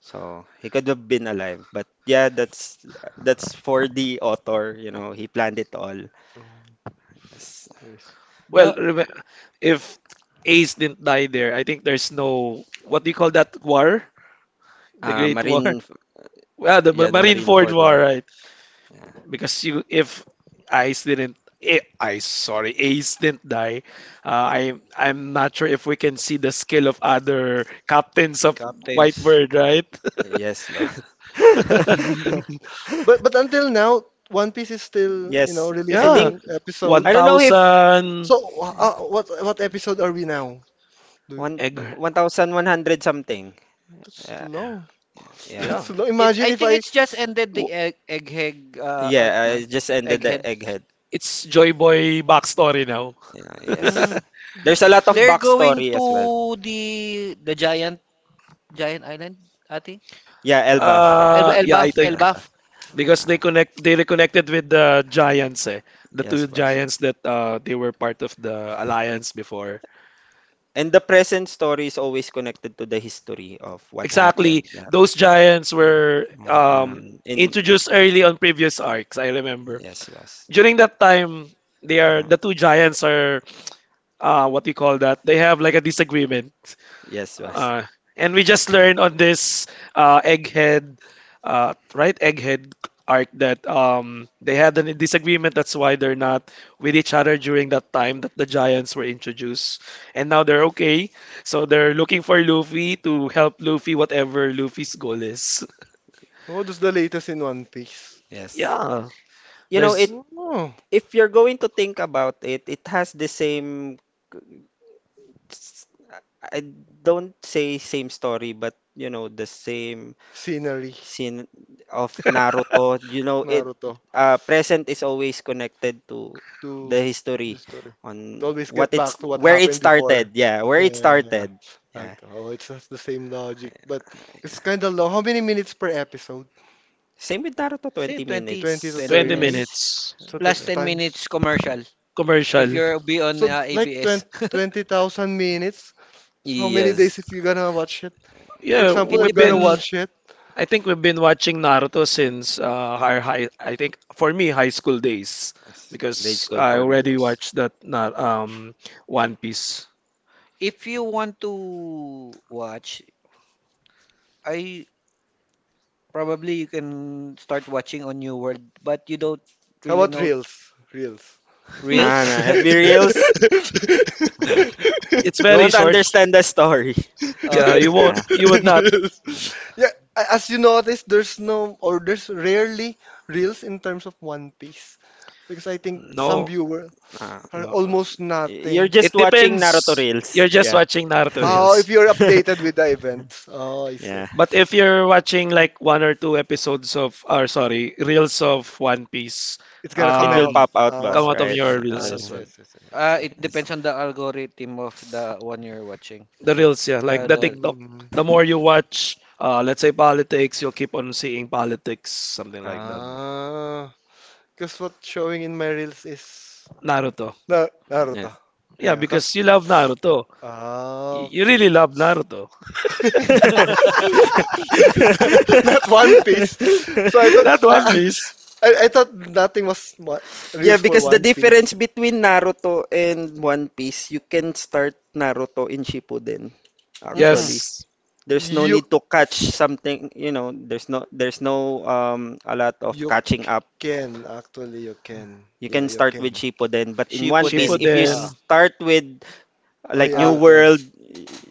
Speaker 4: so he could have been alive, but yeah, that's for the author. You know, he planned it all.
Speaker 3: Oh,
Speaker 4: Yes.
Speaker 3: yes.
Speaker 1: Well,
Speaker 2: The
Speaker 1: remem if Ace didn't die there, I think there's no what do you call that war? The
Speaker 4: Uh,
Speaker 1: Great War.
Speaker 4: Marine,
Speaker 1: Well, the
Speaker 4: yeah, the Marine
Speaker 1: Marineford
Speaker 4: Ford
Speaker 1: War,
Speaker 4: War.
Speaker 1: right?
Speaker 4: Yeah.
Speaker 1: Because you if Ice didn't eh, Ice sorry Ace didn't die uh, I'm not sure if we can see the skill of other captains of
Speaker 2: captains.
Speaker 1: Whitebird right.
Speaker 4: Yes, bro.
Speaker 3: But until now, One Piece is still, you know,
Speaker 4: Yes, I
Speaker 1: Yeah,
Speaker 4: think
Speaker 3: releasing
Speaker 4: I
Speaker 3: episodes.
Speaker 4: don't know if
Speaker 1: 1000
Speaker 3: So what episode are we now? Do,
Speaker 4: one
Speaker 1: egg
Speaker 4: 1100 something.
Speaker 3: that's
Speaker 4: Yeah,
Speaker 3: long.
Speaker 4: yeah.
Speaker 3: That's
Speaker 1: yeah.
Speaker 3: long.
Speaker 2: It
Speaker 3: Imagine
Speaker 2: I
Speaker 3: if
Speaker 2: think
Speaker 3: I.
Speaker 2: it's just ended
Speaker 1: W-
Speaker 2: the egghead arc,
Speaker 4: Yeah,
Speaker 2: no?
Speaker 4: I just ended the
Speaker 2: Egghead.
Speaker 4: egghead.
Speaker 1: it's Joy Boy backstory now.
Speaker 4: Yeah, yes.
Speaker 2: Mm.
Speaker 4: There's a lot of
Speaker 3: So,
Speaker 2: They're going
Speaker 4: backstory as well.
Speaker 2: to the Giant Island, ate?
Speaker 4: Yeah, Elbaf.
Speaker 2: El El
Speaker 1: Yeah
Speaker 4: Yeah,
Speaker 1: I
Speaker 2: Elbaf,
Speaker 1: think
Speaker 4: Elbaf.
Speaker 2: Elbaf.
Speaker 1: because
Speaker 4: Ah,
Speaker 1: they reconnected with the giants the
Speaker 4: yes,
Speaker 1: two
Speaker 4: boss.
Speaker 1: giants that they were part of the alliance before.
Speaker 4: And the present story is always connected to the history of what
Speaker 1: Exactly.
Speaker 4: happened. Yeah,
Speaker 1: Those
Speaker 4: boss.
Speaker 1: giants were
Speaker 4: In
Speaker 1: introduced early on previous arcs, I remember.
Speaker 4: yes, boss.
Speaker 1: During that time, they
Speaker 4: You
Speaker 1: are
Speaker 4: know,
Speaker 1: the two giants are what do you call that? They have like a disagreement.
Speaker 4: yes, boss.
Speaker 1: Uh, and we just learned on this uh, egghead, right? Egghead arc that they had a disagreement. That's why they're not with each other during that time that the giants were introduced. And now they're okay. So they're looking for Luffy to help Luffy, whatever Luffy's goal is.
Speaker 3: what is the latest in One Piece?
Speaker 4: Yes.
Speaker 1: Yeah,
Speaker 4: You know,
Speaker 1: there's
Speaker 4: it
Speaker 3: Oh,
Speaker 4: If you're going to think about it, it has the same s-, I don't say same story, but you know, the same
Speaker 3: scenery,
Speaker 4: scene of Naruto. You know, it
Speaker 3: Naruto,
Speaker 4: present is always connected to
Speaker 3: to
Speaker 4: the
Speaker 3: the
Speaker 4: history
Speaker 3: story. It
Speaker 4: on
Speaker 3: always
Speaker 4: what
Speaker 3: get
Speaker 4: it's
Speaker 3: back to what
Speaker 4: where it
Speaker 3: happened before.
Speaker 4: started. Yeah, where
Speaker 3: Yeah,
Speaker 4: it
Speaker 3: yeah, yeah.
Speaker 4: started. Yeah.
Speaker 3: Like, oh, it's just the same logic, but it's kind of long. How many minutes per episode?
Speaker 4: Same with Naruto,
Speaker 2: Say
Speaker 4: 20
Speaker 2: 20,
Speaker 3: 20 to
Speaker 4: minutes.
Speaker 2: 20
Speaker 1: 20
Speaker 3: 30?
Speaker 2: minutes.
Speaker 4: Yes.
Speaker 1: minutes
Speaker 3: So
Speaker 2: Plus
Speaker 3: that's
Speaker 4: Yep.
Speaker 2: 10
Speaker 3: times.
Speaker 2: minutes commercial if
Speaker 1: commercial.
Speaker 2: you're be on
Speaker 3: So like
Speaker 2: ABS.
Speaker 3: 20 20,000 minutes. So how many days
Speaker 4: Yes.
Speaker 3: if you're gonna watch it? For
Speaker 1: Yeah,
Speaker 3: example,
Speaker 2: It
Speaker 3: I'm
Speaker 1: we've
Speaker 3: gonna
Speaker 1: been
Speaker 3: watch
Speaker 2: depends.
Speaker 3: it.
Speaker 1: I think we've been watching Naruto since our high, I think for me, high school days,
Speaker 4: Yes. Grade
Speaker 1: because
Speaker 4: school
Speaker 1: I
Speaker 4: for me,
Speaker 1: already
Speaker 4: boss.
Speaker 1: watched that um, One Piece.
Speaker 2: If you want to watch, I probably you can start watching on New World, but you don't
Speaker 3: How
Speaker 2: really
Speaker 3: about
Speaker 2: know
Speaker 3: Reels? Reels.
Speaker 1: Hmm.
Speaker 4: Nah,
Speaker 2: Reels.
Speaker 4: nah. FB Reels. Uh,
Speaker 1: It's
Speaker 4: you
Speaker 1: very
Speaker 4: won't
Speaker 1: short.
Speaker 4: understand the story.
Speaker 2: You
Speaker 4: Yeah.
Speaker 1: You would not.
Speaker 3: reels. Yeah, as you notice, there's no or there's rarely reels in terms of One Piece because I think some
Speaker 1: No,
Speaker 3: viewer
Speaker 4: Uh,
Speaker 3: are
Speaker 1: no.
Speaker 3: almost
Speaker 4: you're
Speaker 3: nothing.
Speaker 1: It
Speaker 4: just watching Naruto
Speaker 1: depends.
Speaker 4: reels.
Speaker 1: You're just
Speaker 4: Yeah.
Speaker 1: watching Naruto
Speaker 3: Oh, if
Speaker 1: reels.
Speaker 3: you're updated with the event. Oh, I see.
Speaker 4: yeah.
Speaker 1: But if you're watching like one or two episodes of, or sorry, reels of One Piece,
Speaker 3: It's gonna come
Speaker 4: It will
Speaker 3: out.
Speaker 1: um,
Speaker 4: pop out,
Speaker 3: Oh,
Speaker 1: come
Speaker 4: boss,
Speaker 1: out of
Speaker 4: right?
Speaker 1: your reels
Speaker 4: Uh,
Speaker 3: ah, I
Speaker 1: as
Speaker 3: see, I
Speaker 1: well.
Speaker 3: see, I see. I see.
Speaker 2: It depends on the algorithm of the one you're watching.
Speaker 1: The
Speaker 2: So
Speaker 1: reels, yeah, like
Speaker 2: yeah,
Speaker 1: the
Speaker 2: the
Speaker 1: TikTok.
Speaker 3: Mm.
Speaker 1: The more you watch, let's say politics, you'll keep on seeing politics, something like that.
Speaker 2: mm,
Speaker 3: Ah, because what's showing in my reels is
Speaker 1: Naruto.
Speaker 3: Na Naruto.
Speaker 4: yes.
Speaker 1: Yeah,
Speaker 3: Yeah,
Speaker 1: because
Speaker 3: cause
Speaker 1: you love Naruto.
Speaker 3: な、ナルタ。えー、かす。Ah.
Speaker 1: You really love Naruto.
Speaker 3: Not One Piece. So I thought
Speaker 1: Not One
Speaker 3: I
Speaker 1: Piece.
Speaker 3: thought nothing was real
Speaker 4: yeah,
Speaker 3: for
Speaker 4: because the
Speaker 3: One
Speaker 4: difference
Speaker 3: Piece.
Speaker 4: between Naruto and One Piece, you can start Naruto in Shippuden.
Speaker 2: mm,
Speaker 4: Actually,
Speaker 1: Yes,
Speaker 4: there's no
Speaker 3: You
Speaker 4: need to catch something, you know, there's no a lot of
Speaker 3: you
Speaker 4: catching up.
Speaker 3: can actually you can.
Speaker 4: You
Speaker 3: Yeah,
Speaker 4: can
Speaker 3: you
Speaker 4: start with
Speaker 3: can.
Speaker 4: Shippuden, but in One
Speaker 2: Shippuden.
Speaker 4: Piece, if you
Speaker 1: Shippuden.
Speaker 2: Ah,
Speaker 4: start with
Speaker 3: Oh
Speaker 4: like
Speaker 3: yeah,
Speaker 4: New
Speaker 3: you
Speaker 2: ah,
Speaker 3: can.
Speaker 4: World,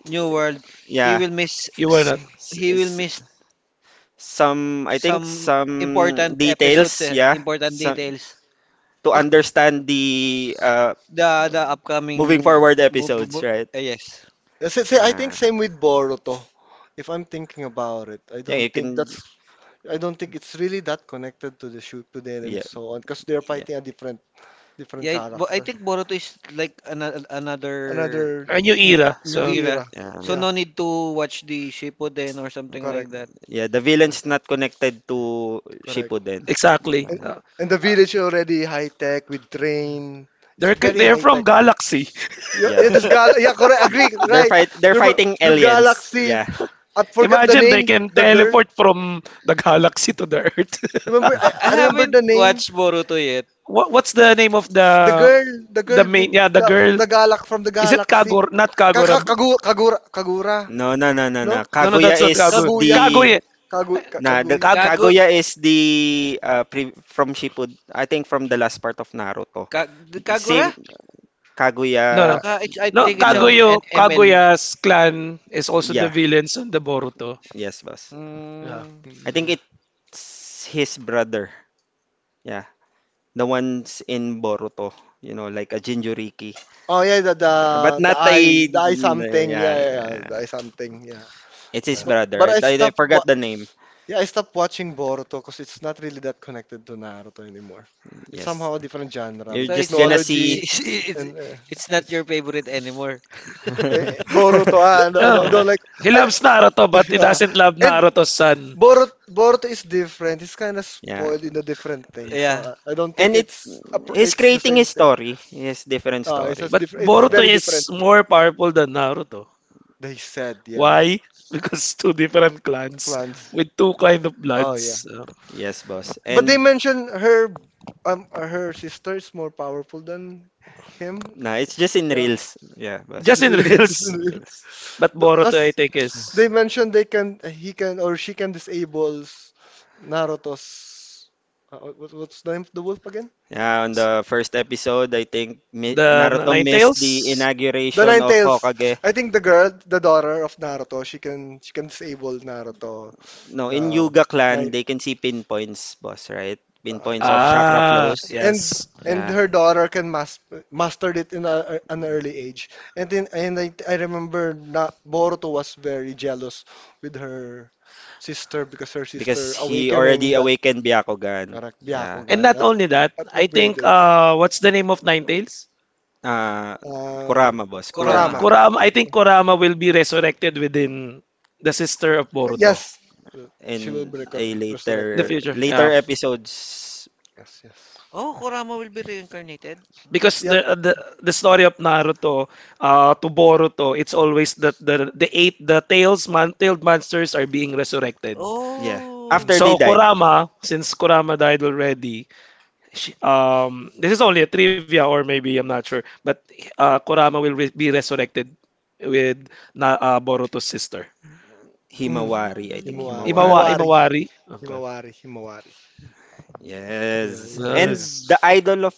Speaker 2: New World, he
Speaker 4: yeah,
Speaker 2: will miss
Speaker 1: You were
Speaker 2: s-
Speaker 1: not.
Speaker 4: s-
Speaker 2: he will
Speaker 4: s-
Speaker 2: miss
Speaker 4: some, I think
Speaker 2: some
Speaker 4: some
Speaker 2: important episodes,
Speaker 4: details, yeah,
Speaker 2: important
Speaker 4: some
Speaker 2: details.
Speaker 4: to
Speaker 3: Ah,
Speaker 4: understand the uh,
Speaker 2: The upcoming
Speaker 4: moving forward episodes, right?
Speaker 2: yes.
Speaker 3: say, say, I think
Speaker 4: Uh,
Speaker 3: same with Boruto. If I'm thinking about it, I
Speaker 4: yeah,
Speaker 3: don't
Speaker 4: you
Speaker 3: think
Speaker 4: can.
Speaker 3: that's I don't think it's really that connected to the shoot to them and
Speaker 4: Yeah,
Speaker 3: so on because they're
Speaker 4: yeah,
Speaker 3: fighting a different
Speaker 2: Yeah, but I
Speaker 3: character.
Speaker 2: think Boruto is like another another
Speaker 3: Another
Speaker 1: A new
Speaker 2: n-
Speaker 1: era,
Speaker 2: new
Speaker 1: so
Speaker 3: new
Speaker 2: era.
Speaker 3: era.
Speaker 4: yeah,
Speaker 2: So
Speaker 3: Yeah,
Speaker 2: no need to watch the Shippuden or something like
Speaker 3: correct.
Speaker 2: that.
Speaker 4: yeah. The villain's not
Speaker 3: Yeah,
Speaker 4: connected to
Speaker 3: correct.
Speaker 4: Shippuden.
Speaker 1: exactly.
Speaker 3: And,
Speaker 4: Uh,
Speaker 3: and the village already high tech with train. It's very
Speaker 1: They're
Speaker 3: high
Speaker 1: from
Speaker 3: tech.
Speaker 1: galaxy.
Speaker 3: Yeah, yeah,
Speaker 4: yeah,
Speaker 3: this gal. Yeah, correct. Agree. Right.
Speaker 4: they're
Speaker 3: The,
Speaker 4: fighting
Speaker 3: the
Speaker 4: aliens.
Speaker 3: galaxy.
Speaker 4: Yeah.
Speaker 3: I forgot the
Speaker 1: Imagine they
Speaker 3: name.
Speaker 1: can
Speaker 3: The girl.
Speaker 1: teleport from the galaxy to the Earth.
Speaker 3: Remember? I,
Speaker 2: I
Speaker 3: I remember the
Speaker 2: haven't
Speaker 3: name.
Speaker 2: watched Boruto yet.
Speaker 1: What what's the name of
Speaker 3: The girl. The
Speaker 1: the
Speaker 3: girl with
Speaker 1: main? Yeah, the girl.
Speaker 3: the galax from the
Speaker 1: Is it
Speaker 3: galaxy.
Speaker 1: Kagor? Not Kagorab.
Speaker 3: Kagura. Kagura.
Speaker 4: No, no, no, no,
Speaker 3: No?
Speaker 4: no.
Speaker 1: No, no,
Speaker 4: Kaguya
Speaker 1: that's not
Speaker 4: is
Speaker 1: Kagor.
Speaker 4: the
Speaker 3: Kaguya.
Speaker 1: Kaguya.
Speaker 4: nah, the
Speaker 3: Kaguya.
Speaker 1: Kag.
Speaker 2: Kagu
Speaker 4: Kaguya is the from Shippuden. I think from the last part of Naruto.
Speaker 2: Ka- Kagura?
Speaker 4: Same
Speaker 1: No, no.
Speaker 4: Kaguya.
Speaker 2: I
Speaker 1: No,
Speaker 2: think it's
Speaker 4: No,
Speaker 1: Kaguyo,
Speaker 2: an ML.
Speaker 1: Kaguya's clan is also the
Speaker 4: yeah,
Speaker 1: villains on the Boruto.
Speaker 4: yes, boss.
Speaker 1: Yeah.
Speaker 2: Mm.
Speaker 4: I think
Speaker 3: Mm.
Speaker 4: it's his brother. Yeah, the ones in Boruto. You know, like a Jinjuriki.
Speaker 3: Oh yeah,
Speaker 4: But not a,
Speaker 3: the eye something. Yeah,
Speaker 4: yeah.
Speaker 3: yeah, yeah, the
Speaker 4: Yeah.
Speaker 3: eye something. Yeah.
Speaker 4: It's his
Speaker 1: Yeah.
Speaker 4: brother.
Speaker 3: But
Speaker 4: I,
Speaker 3: I
Speaker 4: I I
Speaker 3: stopped.
Speaker 4: forgot the name.
Speaker 3: Yeah, I stopped watching Boruto because it's not really that connected to Naruto anymore. It's
Speaker 4: Yes,
Speaker 3: somehow a different genre
Speaker 4: you're
Speaker 3: with
Speaker 2: So
Speaker 4: just
Speaker 2: it's
Speaker 4: gonna
Speaker 2: not
Speaker 3: technology
Speaker 2: she,
Speaker 4: see.
Speaker 2: it's
Speaker 3: and
Speaker 2: it's not your favorite anymore.
Speaker 3: Boruto. Ah, I
Speaker 1: Oh.
Speaker 4: yeah,
Speaker 3: don't like.
Speaker 1: He
Speaker 3: I,
Speaker 1: loves Naruto, but he
Speaker 3: uh,
Speaker 1: doesn't love
Speaker 3: and
Speaker 1: Naruto's son.
Speaker 3: Boruto is different. He's kind of
Speaker 4: yeah.
Speaker 3: spoiled in a different thing.
Speaker 2: Yeah,
Speaker 3: So I don't think
Speaker 4: And it
Speaker 3: it's a,
Speaker 4: he's
Speaker 3: it's the
Speaker 4: creating
Speaker 3: same
Speaker 4: his
Speaker 3: thing.
Speaker 4: story, his different
Speaker 3: It's
Speaker 4: story.
Speaker 3: just
Speaker 1: But
Speaker 3: different. It's
Speaker 1: Boruto
Speaker 4: Yeah.
Speaker 3: very different.
Speaker 1: is more powerful than Naruto.
Speaker 3: They said, yeah,
Speaker 1: Why? Because two different clans
Speaker 3: clans.
Speaker 1: with two kind of
Speaker 3: Oh yeah,
Speaker 1: bloods.
Speaker 4: Yes, boss.
Speaker 3: but they
Speaker 4: And
Speaker 3: mentioned her her sister is more powerful than him.
Speaker 4: nah, it's just in
Speaker 3: Yeah,
Speaker 4: reels. Yeah, boss.
Speaker 1: Just
Speaker 3: because
Speaker 1: in
Speaker 4: It's
Speaker 1: reels.
Speaker 4: in reels.
Speaker 1: But Boruto, I think, is.
Speaker 3: they mentioned they can he can or she can disable Naruto's what, what's the name of the wolf again?
Speaker 4: Yeah, on the first episode, I think
Speaker 1: The
Speaker 4: Naruto missed the
Speaker 1: Ninetales?
Speaker 3: The
Speaker 4: inauguration
Speaker 3: Nine
Speaker 4: of
Speaker 3: Tails.
Speaker 4: Hokage.
Speaker 3: I think the girl, the daughter of Naruto, she can disable Naruto.
Speaker 4: No, in
Speaker 3: The
Speaker 4: Yuga clan,
Speaker 3: nine.
Speaker 4: they can see pinpoints, boss, right? Pinpoints
Speaker 3: Yeah.
Speaker 4: of chakra
Speaker 1: Ah,
Speaker 4: flows.
Speaker 3: And
Speaker 1: yes.
Speaker 3: and
Speaker 4: Yeah,
Speaker 3: her daughter can mastered it in a, an early age. And then and I remember na, Boruto was very jealous with her sister because her
Speaker 4: because
Speaker 3: sister
Speaker 4: he
Speaker 3: awakening
Speaker 4: already
Speaker 3: that
Speaker 4: awakened Byakugan.
Speaker 3: correct
Speaker 4: Yeah.
Speaker 1: And
Speaker 3: Byakugan
Speaker 1: not only that,
Speaker 3: at
Speaker 1: I think
Speaker 3: upgraded.
Speaker 1: what's the name of Ninetales?
Speaker 4: uh,
Speaker 3: Um,
Speaker 4: Kurama, boss.
Speaker 2: Kurama.
Speaker 4: Kurama.
Speaker 3: Kurama.
Speaker 1: Kurama, I think Kurama will be resurrected within the sister of Boruto
Speaker 3: Yes, she will
Speaker 4: In
Speaker 3: be
Speaker 4: a
Speaker 1: in the
Speaker 3: resurrected.
Speaker 4: later
Speaker 1: future. Yeah.
Speaker 4: later episodes,
Speaker 3: Yes, yes.
Speaker 2: Oh, Kurama will be reincarnated. Mm.
Speaker 1: Because
Speaker 3: Yeah.
Speaker 1: the story of Naruto to Boruto, it's always that the eight the tails man tailed monsters are being resurrected.
Speaker 4: yeah.
Speaker 3: Mhm.
Speaker 2: Oh.
Speaker 4: After
Speaker 1: So
Speaker 4: they died,
Speaker 1: Kurama, since Kurama died already, she, this is only a trivia, or maybe I'm not sure, but Kurama will be resurrected with Boruto's sister,
Speaker 3: Mm.
Speaker 4: Himawari, I think
Speaker 2: Mm.
Speaker 3: Himawari. Himawari
Speaker 4: Himawari.
Speaker 3: Himawari.
Speaker 1: Imawari. Okay,
Speaker 3: Himawari. Himawari. Himawari. Yeah, yeah,
Speaker 4: Yes.
Speaker 3: yes yeah,
Speaker 4: And
Speaker 3: yeah.
Speaker 1: that's
Speaker 4: the idol of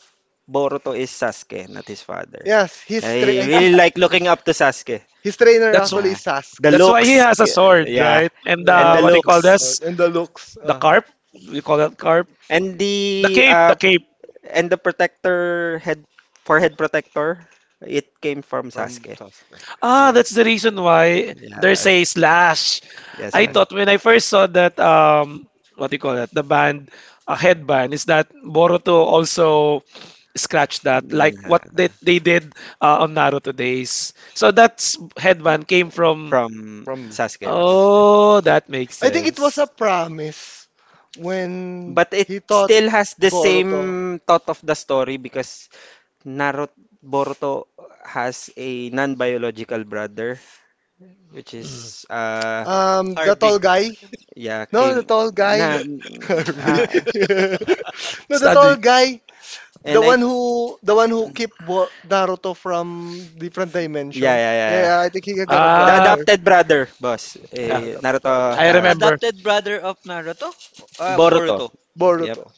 Speaker 4: Boruto is Sasuke, not his father.
Speaker 3: Yes,
Speaker 4: I really like looking up to Sasuke.
Speaker 3: his trainer
Speaker 1: that's wh-
Speaker 3: actually
Speaker 4: Yeah.
Speaker 3: is that
Speaker 4: The
Speaker 3: Sasuke.
Speaker 1: that's why he
Speaker 4: looks,
Speaker 1: has a sword,
Speaker 4: yeah.
Speaker 1: right? And
Speaker 3: Yeah,
Speaker 4: And the
Speaker 1: what do you call
Speaker 4: looks.
Speaker 1: this?
Speaker 3: Because and the looks
Speaker 1: The carp? We call that carp?
Speaker 4: And
Speaker 1: The
Speaker 4: the
Speaker 1: cape,
Speaker 4: uh,
Speaker 1: the cape.
Speaker 4: And the protector head forehead protector, it came from
Speaker 3: from
Speaker 4: Sasuke.
Speaker 3: Sasuke.
Speaker 1: Ah,
Speaker 3: Yeah.
Speaker 1: that's the reason why there's a
Speaker 4: Yes.
Speaker 1: slash.
Speaker 4: Yes,
Speaker 1: I
Speaker 3: Hmm.
Speaker 4: yes.
Speaker 1: thought when I first saw that what do you call that? The band a headband is that Boruto also scratched that like
Speaker 4: Nah,
Speaker 1: what they did on Naruto days. So that's headband came from.
Speaker 4: from
Speaker 3: From
Speaker 4: Sasuke was.
Speaker 1: Oh, that makes
Speaker 3: I think it was a
Speaker 1: sense.
Speaker 3: promise when
Speaker 4: But it
Speaker 3: he taught
Speaker 4: still has the
Speaker 3: Boruto.
Speaker 4: same thought of the story because Naruto Boruto has a non-biological brother, which
Speaker 1: Mm.
Speaker 4: is
Speaker 3: The
Speaker 2: Harvey.
Speaker 3: tall guy.
Speaker 4: yeah
Speaker 3: No, the
Speaker 4: came
Speaker 3: tall guy.
Speaker 4: na
Speaker 3: Harvey.
Speaker 4: uh,
Speaker 3: No, the tall
Speaker 1: Study.
Speaker 3: guy. The
Speaker 4: and I,
Speaker 3: one who keep Naruto from different
Speaker 4: yeah,
Speaker 3: dimension.
Speaker 4: yeah, yeah.
Speaker 3: Yeah, I think he got a
Speaker 4: The
Speaker 1: Ah,
Speaker 3: brother.
Speaker 4: adopted brother, boss.
Speaker 1: yeah,
Speaker 3: Yeah,
Speaker 4: Eh,
Speaker 3: adopted brother.
Speaker 4: Naruto
Speaker 2: Ad
Speaker 1: I
Speaker 4: has
Speaker 1: remember.
Speaker 2: Adapted brother of Naruto?
Speaker 4: Boruto.
Speaker 2: Boruto.
Speaker 4: Yep.
Speaker 3: Boruto.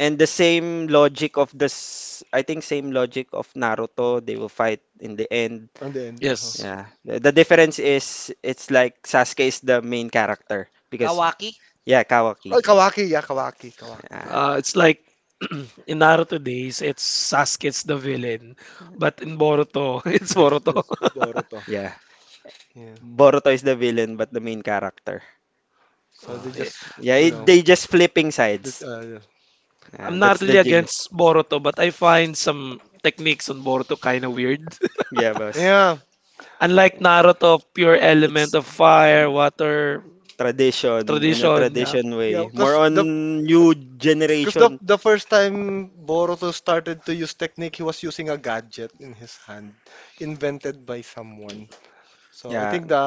Speaker 4: And the same logic of this, I think same logic of Naruto, they will fight in the end.
Speaker 3: And then
Speaker 1: Yes.
Speaker 4: Yeah. The difference is it's like Sasuke is the main character because
Speaker 2: Kawaki?
Speaker 4: yeah,
Speaker 3: oh,
Speaker 4: Kawaki.
Speaker 3: Kawaki, yeah, Kawaki, Kawaki.
Speaker 4: Yeah.
Speaker 1: It's like in Naruto days, it's Sasuke's the villain, but in Boruto, it's
Speaker 3: It's
Speaker 1: Boruto.
Speaker 3: it's Boruto.
Speaker 4: Yeah.
Speaker 3: Yeah.
Speaker 4: Boruto is the villain but the main character.
Speaker 3: So
Speaker 1: Uh,
Speaker 3: they
Speaker 1: eh,
Speaker 3: just,
Speaker 4: Yeah,
Speaker 3: you know,
Speaker 4: they just flipping
Speaker 3: this,
Speaker 4: sides. Yeah,
Speaker 1: I'm
Speaker 4: that's
Speaker 1: not really
Speaker 4: the genius.
Speaker 1: against Boruto, but I find some techniques on Boruto kind of weird.
Speaker 4: Yeah, boss.
Speaker 3: yeah.
Speaker 1: Unlike Naruto, pure element
Speaker 4: It's
Speaker 1: of fire, water,
Speaker 4: tradition, in a
Speaker 1: tradition, yeah.
Speaker 4: tradition
Speaker 3: Yeah,
Speaker 4: way. More
Speaker 3: because the
Speaker 4: on new
Speaker 3: because
Speaker 4: generation.
Speaker 3: the first time Boruto started to use technique, he was using a gadget in his hand, invented by someone. So I
Speaker 4: Yeah,
Speaker 3: think the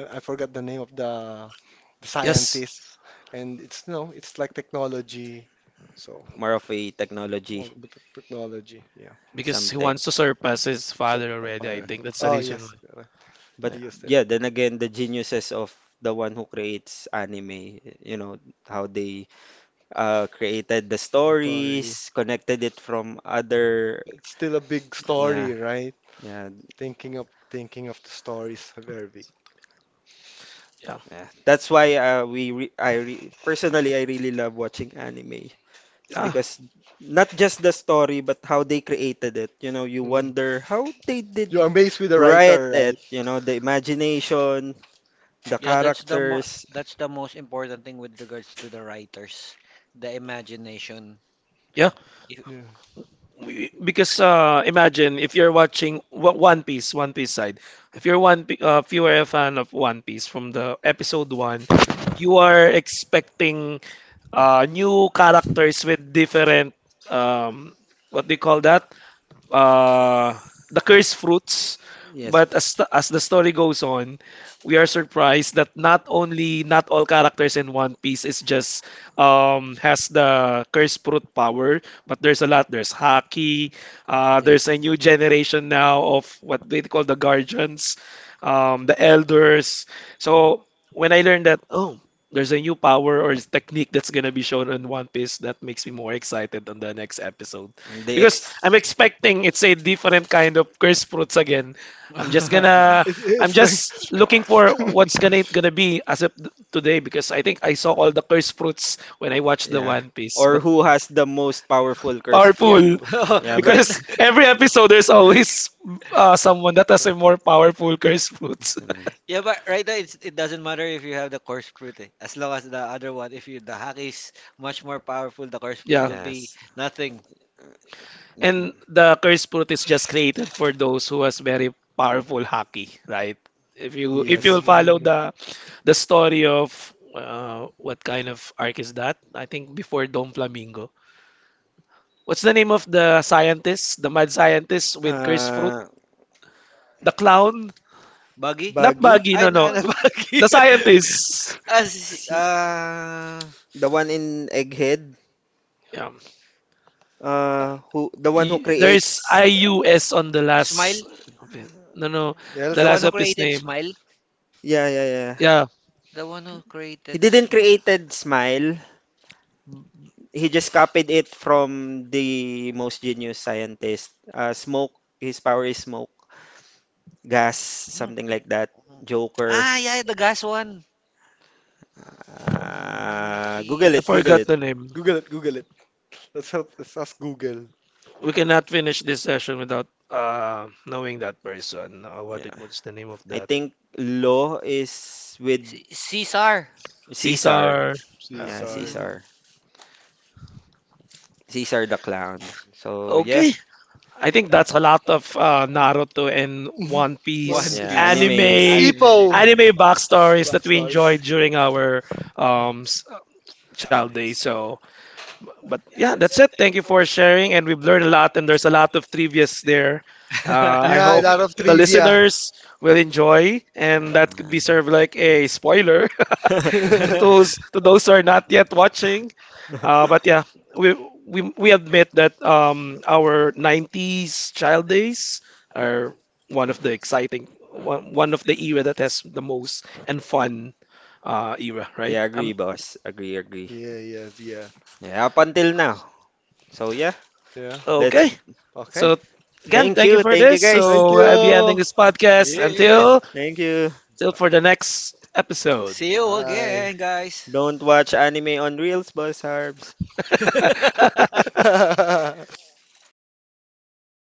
Speaker 3: I forgot the name of the
Speaker 1: Yes,
Speaker 3: scientist, and it's no, it's like technology. So
Speaker 4: more of a technology
Speaker 3: or with the technology, yeah.
Speaker 1: because he
Speaker 4: something.
Speaker 1: wants to surpass his
Speaker 3: So
Speaker 1: father already, I
Speaker 3: fire.
Speaker 1: think. That's the
Speaker 3: Oh
Speaker 1: reason
Speaker 3: yes,
Speaker 1: why.
Speaker 3: correct.
Speaker 4: But
Speaker 3: He
Speaker 1: Yeah,
Speaker 3: used it.
Speaker 4: yeah, then again, the geniuses of the one who creates anime, you know, how they created the
Speaker 3: Story.
Speaker 4: stories, connected it from other.
Speaker 3: It's still a big
Speaker 4: Yeah,
Speaker 3: story, right?
Speaker 4: yeah,
Speaker 3: Thinking of the stories, very big.
Speaker 1: yeah,
Speaker 4: yeah. That's why we re I re personally I really love watching anime. It's
Speaker 1: yeah.
Speaker 4: because not just the story, but how they created it. You know, you
Speaker 3: Mm.
Speaker 4: wonder how they did
Speaker 3: You're amazed with the
Speaker 4: write
Speaker 3: writer, right?
Speaker 4: it. You know, the imagination, the
Speaker 2: Yeah, that's the mo
Speaker 4: characters.
Speaker 2: that's the most important thing with regards to the writers, the imagination.
Speaker 1: Yeah.
Speaker 2: If
Speaker 3: Yeah.
Speaker 1: We- because imagine if you're watching One Piece, One Piece side. If you're if you are a fan of One Piece from the episode one, you are expecting new characters with different um, what do you call that? uh, the cursed fruits.
Speaker 4: Yes,
Speaker 1: But as,
Speaker 4: boss.
Speaker 1: as the story goes on, we are surprised that not only not all characters in One Piece is just has the cursed fruit power, but there's a lot. There's Haki. There's
Speaker 4: Yes,
Speaker 1: a new generation now of what they call the guardians, the elders. So when I learned that, oh, there's a new power or technique that's gonna be shown in One Piece, that makes me more excited on the next episode
Speaker 4: and they
Speaker 1: because
Speaker 4: ex.
Speaker 1: I'm expecting it's a different kind of cursed fruits again. I'm just gonna
Speaker 3: It's,
Speaker 1: I'm
Speaker 3: it's
Speaker 1: just
Speaker 3: like
Speaker 1: looking
Speaker 4: Uh,
Speaker 1: for
Speaker 4: oh,
Speaker 1: what's gonna gonna be as of today because I think I saw all the cursed fruits when I watched the
Speaker 4: yeah,
Speaker 1: One Piece.
Speaker 4: or
Speaker 1: But
Speaker 4: who has the most powerful curse fruit?
Speaker 2: Yeah.
Speaker 1: powerful
Speaker 3: but,
Speaker 4: Yeah, but
Speaker 2: Right.
Speaker 1: because every episode there's always someone that has a more powerful cursed fruits.
Speaker 4: it's right.
Speaker 2: Yeah, but right now it doesn't matter if you have the coarse fruit. Eh. As long as the other one, if you the hack is much more powerful, the coarse fruit
Speaker 1: Yeah.
Speaker 2: will be
Speaker 4: Yes,
Speaker 2: nothing.
Speaker 4: Uh, y- mm.
Speaker 1: And the curse fruit is just created for those who has very powerful haki, right? If you
Speaker 4: yes,
Speaker 1: will
Speaker 4: boss.
Speaker 1: follow
Speaker 3: mm,
Speaker 1: the story of what kind of arc is that? I think before Dom Flamingo. What's the name of the scientist, the mad scientist with curse fruit?
Speaker 4: Uh,
Speaker 1: The clown?
Speaker 2: Buggy?
Speaker 1: Not
Speaker 4: Baggy.
Speaker 1: Buggy,
Speaker 2: Ay,
Speaker 1: no,
Speaker 2: na,
Speaker 1: no.
Speaker 2: not buggy.
Speaker 1: The scientist.
Speaker 2: As
Speaker 4: See.
Speaker 2: uh
Speaker 4: The one in Egghead,
Speaker 1: Yeah.
Speaker 4: who the one who
Speaker 1: There's
Speaker 4: creates.
Speaker 1: IUS on the
Speaker 2: Smile,
Speaker 1: last. No, no.
Speaker 3: yeah.
Speaker 1: The
Speaker 2: the
Speaker 3: Let's
Speaker 2: one
Speaker 1: last
Speaker 2: who
Speaker 1: of his
Speaker 2: created
Speaker 1: name.
Speaker 2: Smile,
Speaker 4: Yeah, yeah, yeah.
Speaker 1: Yeah,
Speaker 2: the one who
Speaker 4: He
Speaker 2: created
Speaker 4: didn't
Speaker 2: Smile.
Speaker 4: created Smile. He just copied it from the most genius scientist. Smoke. His power is smoke, gas, something like that.
Speaker 2: Mm.
Speaker 4: Joker.
Speaker 2: Ah, yeah, the gas one. One
Speaker 4: Google
Speaker 1: I
Speaker 4: it. Google
Speaker 1: forgot
Speaker 4: it.
Speaker 2: Piece.
Speaker 1: the name.
Speaker 3: Google it. Google it. Let's help. Let's ask Google.
Speaker 1: We cannot finish this session without knowing that person. What
Speaker 4: Yeah.
Speaker 1: what's the name of
Speaker 4: I
Speaker 1: that?
Speaker 4: think Lo is with
Speaker 2: Caesar.
Speaker 4: Caesar.
Speaker 1: Caesar.
Speaker 3: See,
Speaker 1: Uh,
Speaker 4: Yeah,
Speaker 3: sorry.
Speaker 2: Mm.
Speaker 4: Caesar. Caesar the clown. So yeah,
Speaker 1: okay, I think that's a lot of uh, Naruto and
Speaker 3: Mhm.
Speaker 1: One
Speaker 3: One
Speaker 1: Piece
Speaker 3: Piece
Speaker 4: yeah,
Speaker 3: topic.
Speaker 1: anime
Speaker 4: animes.
Speaker 3: Ipo.
Speaker 2: Anime.
Speaker 1: anime backstories that we enjoyed
Speaker 3: Backstories.
Speaker 1: during our um, s- uh, child days. So. But yeah, that's it. Thank you for sharing, and we've learned a lot, and there's a lot of trivias there. I
Speaker 3: Yeah, a
Speaker 1: hope
Speaker 3: lot of
Speaker 1: the
Speaker 4: Yeah.
Speaker 3: trivia.
Speaker 1: listeners will enjoy, and that could
Speaker 4: Um,
Speaker 1: be served like a spoiler to those who are not yet watching. But yeah, we we admit that our 90s child days are one of the era that has the most and fun era, right?
Speaker 4: yeah, agree, boss. Agree, agree.
Speaker 3: Yeah, yeah, yeah,
Speaker 4: Yeah, up until now. So yeah,
Speaker 3: yeah.
Speaker 4: let's.
Speaker 1: Okay.
Speaker 3: Okay.
Speaker 1: So again, thank you for
Speaker 4: Thank you,
Speaker 1: this.
Speaker 4: guys.
Speaker 3: Thank
Speaker 1: So I'll be ending
Speaker 3: you.
Speaker 1: this podcast
Speaker 2: Yeah.
Speaker 1: until
Speaker 4: Thank you.
Speaker 1: till for the next episode.
Speaker 2: See you
Speaker 3: Hi.
Speaker 2: again, guys.
Speaker 4: Don't watch anime on Reels, boss Harbs.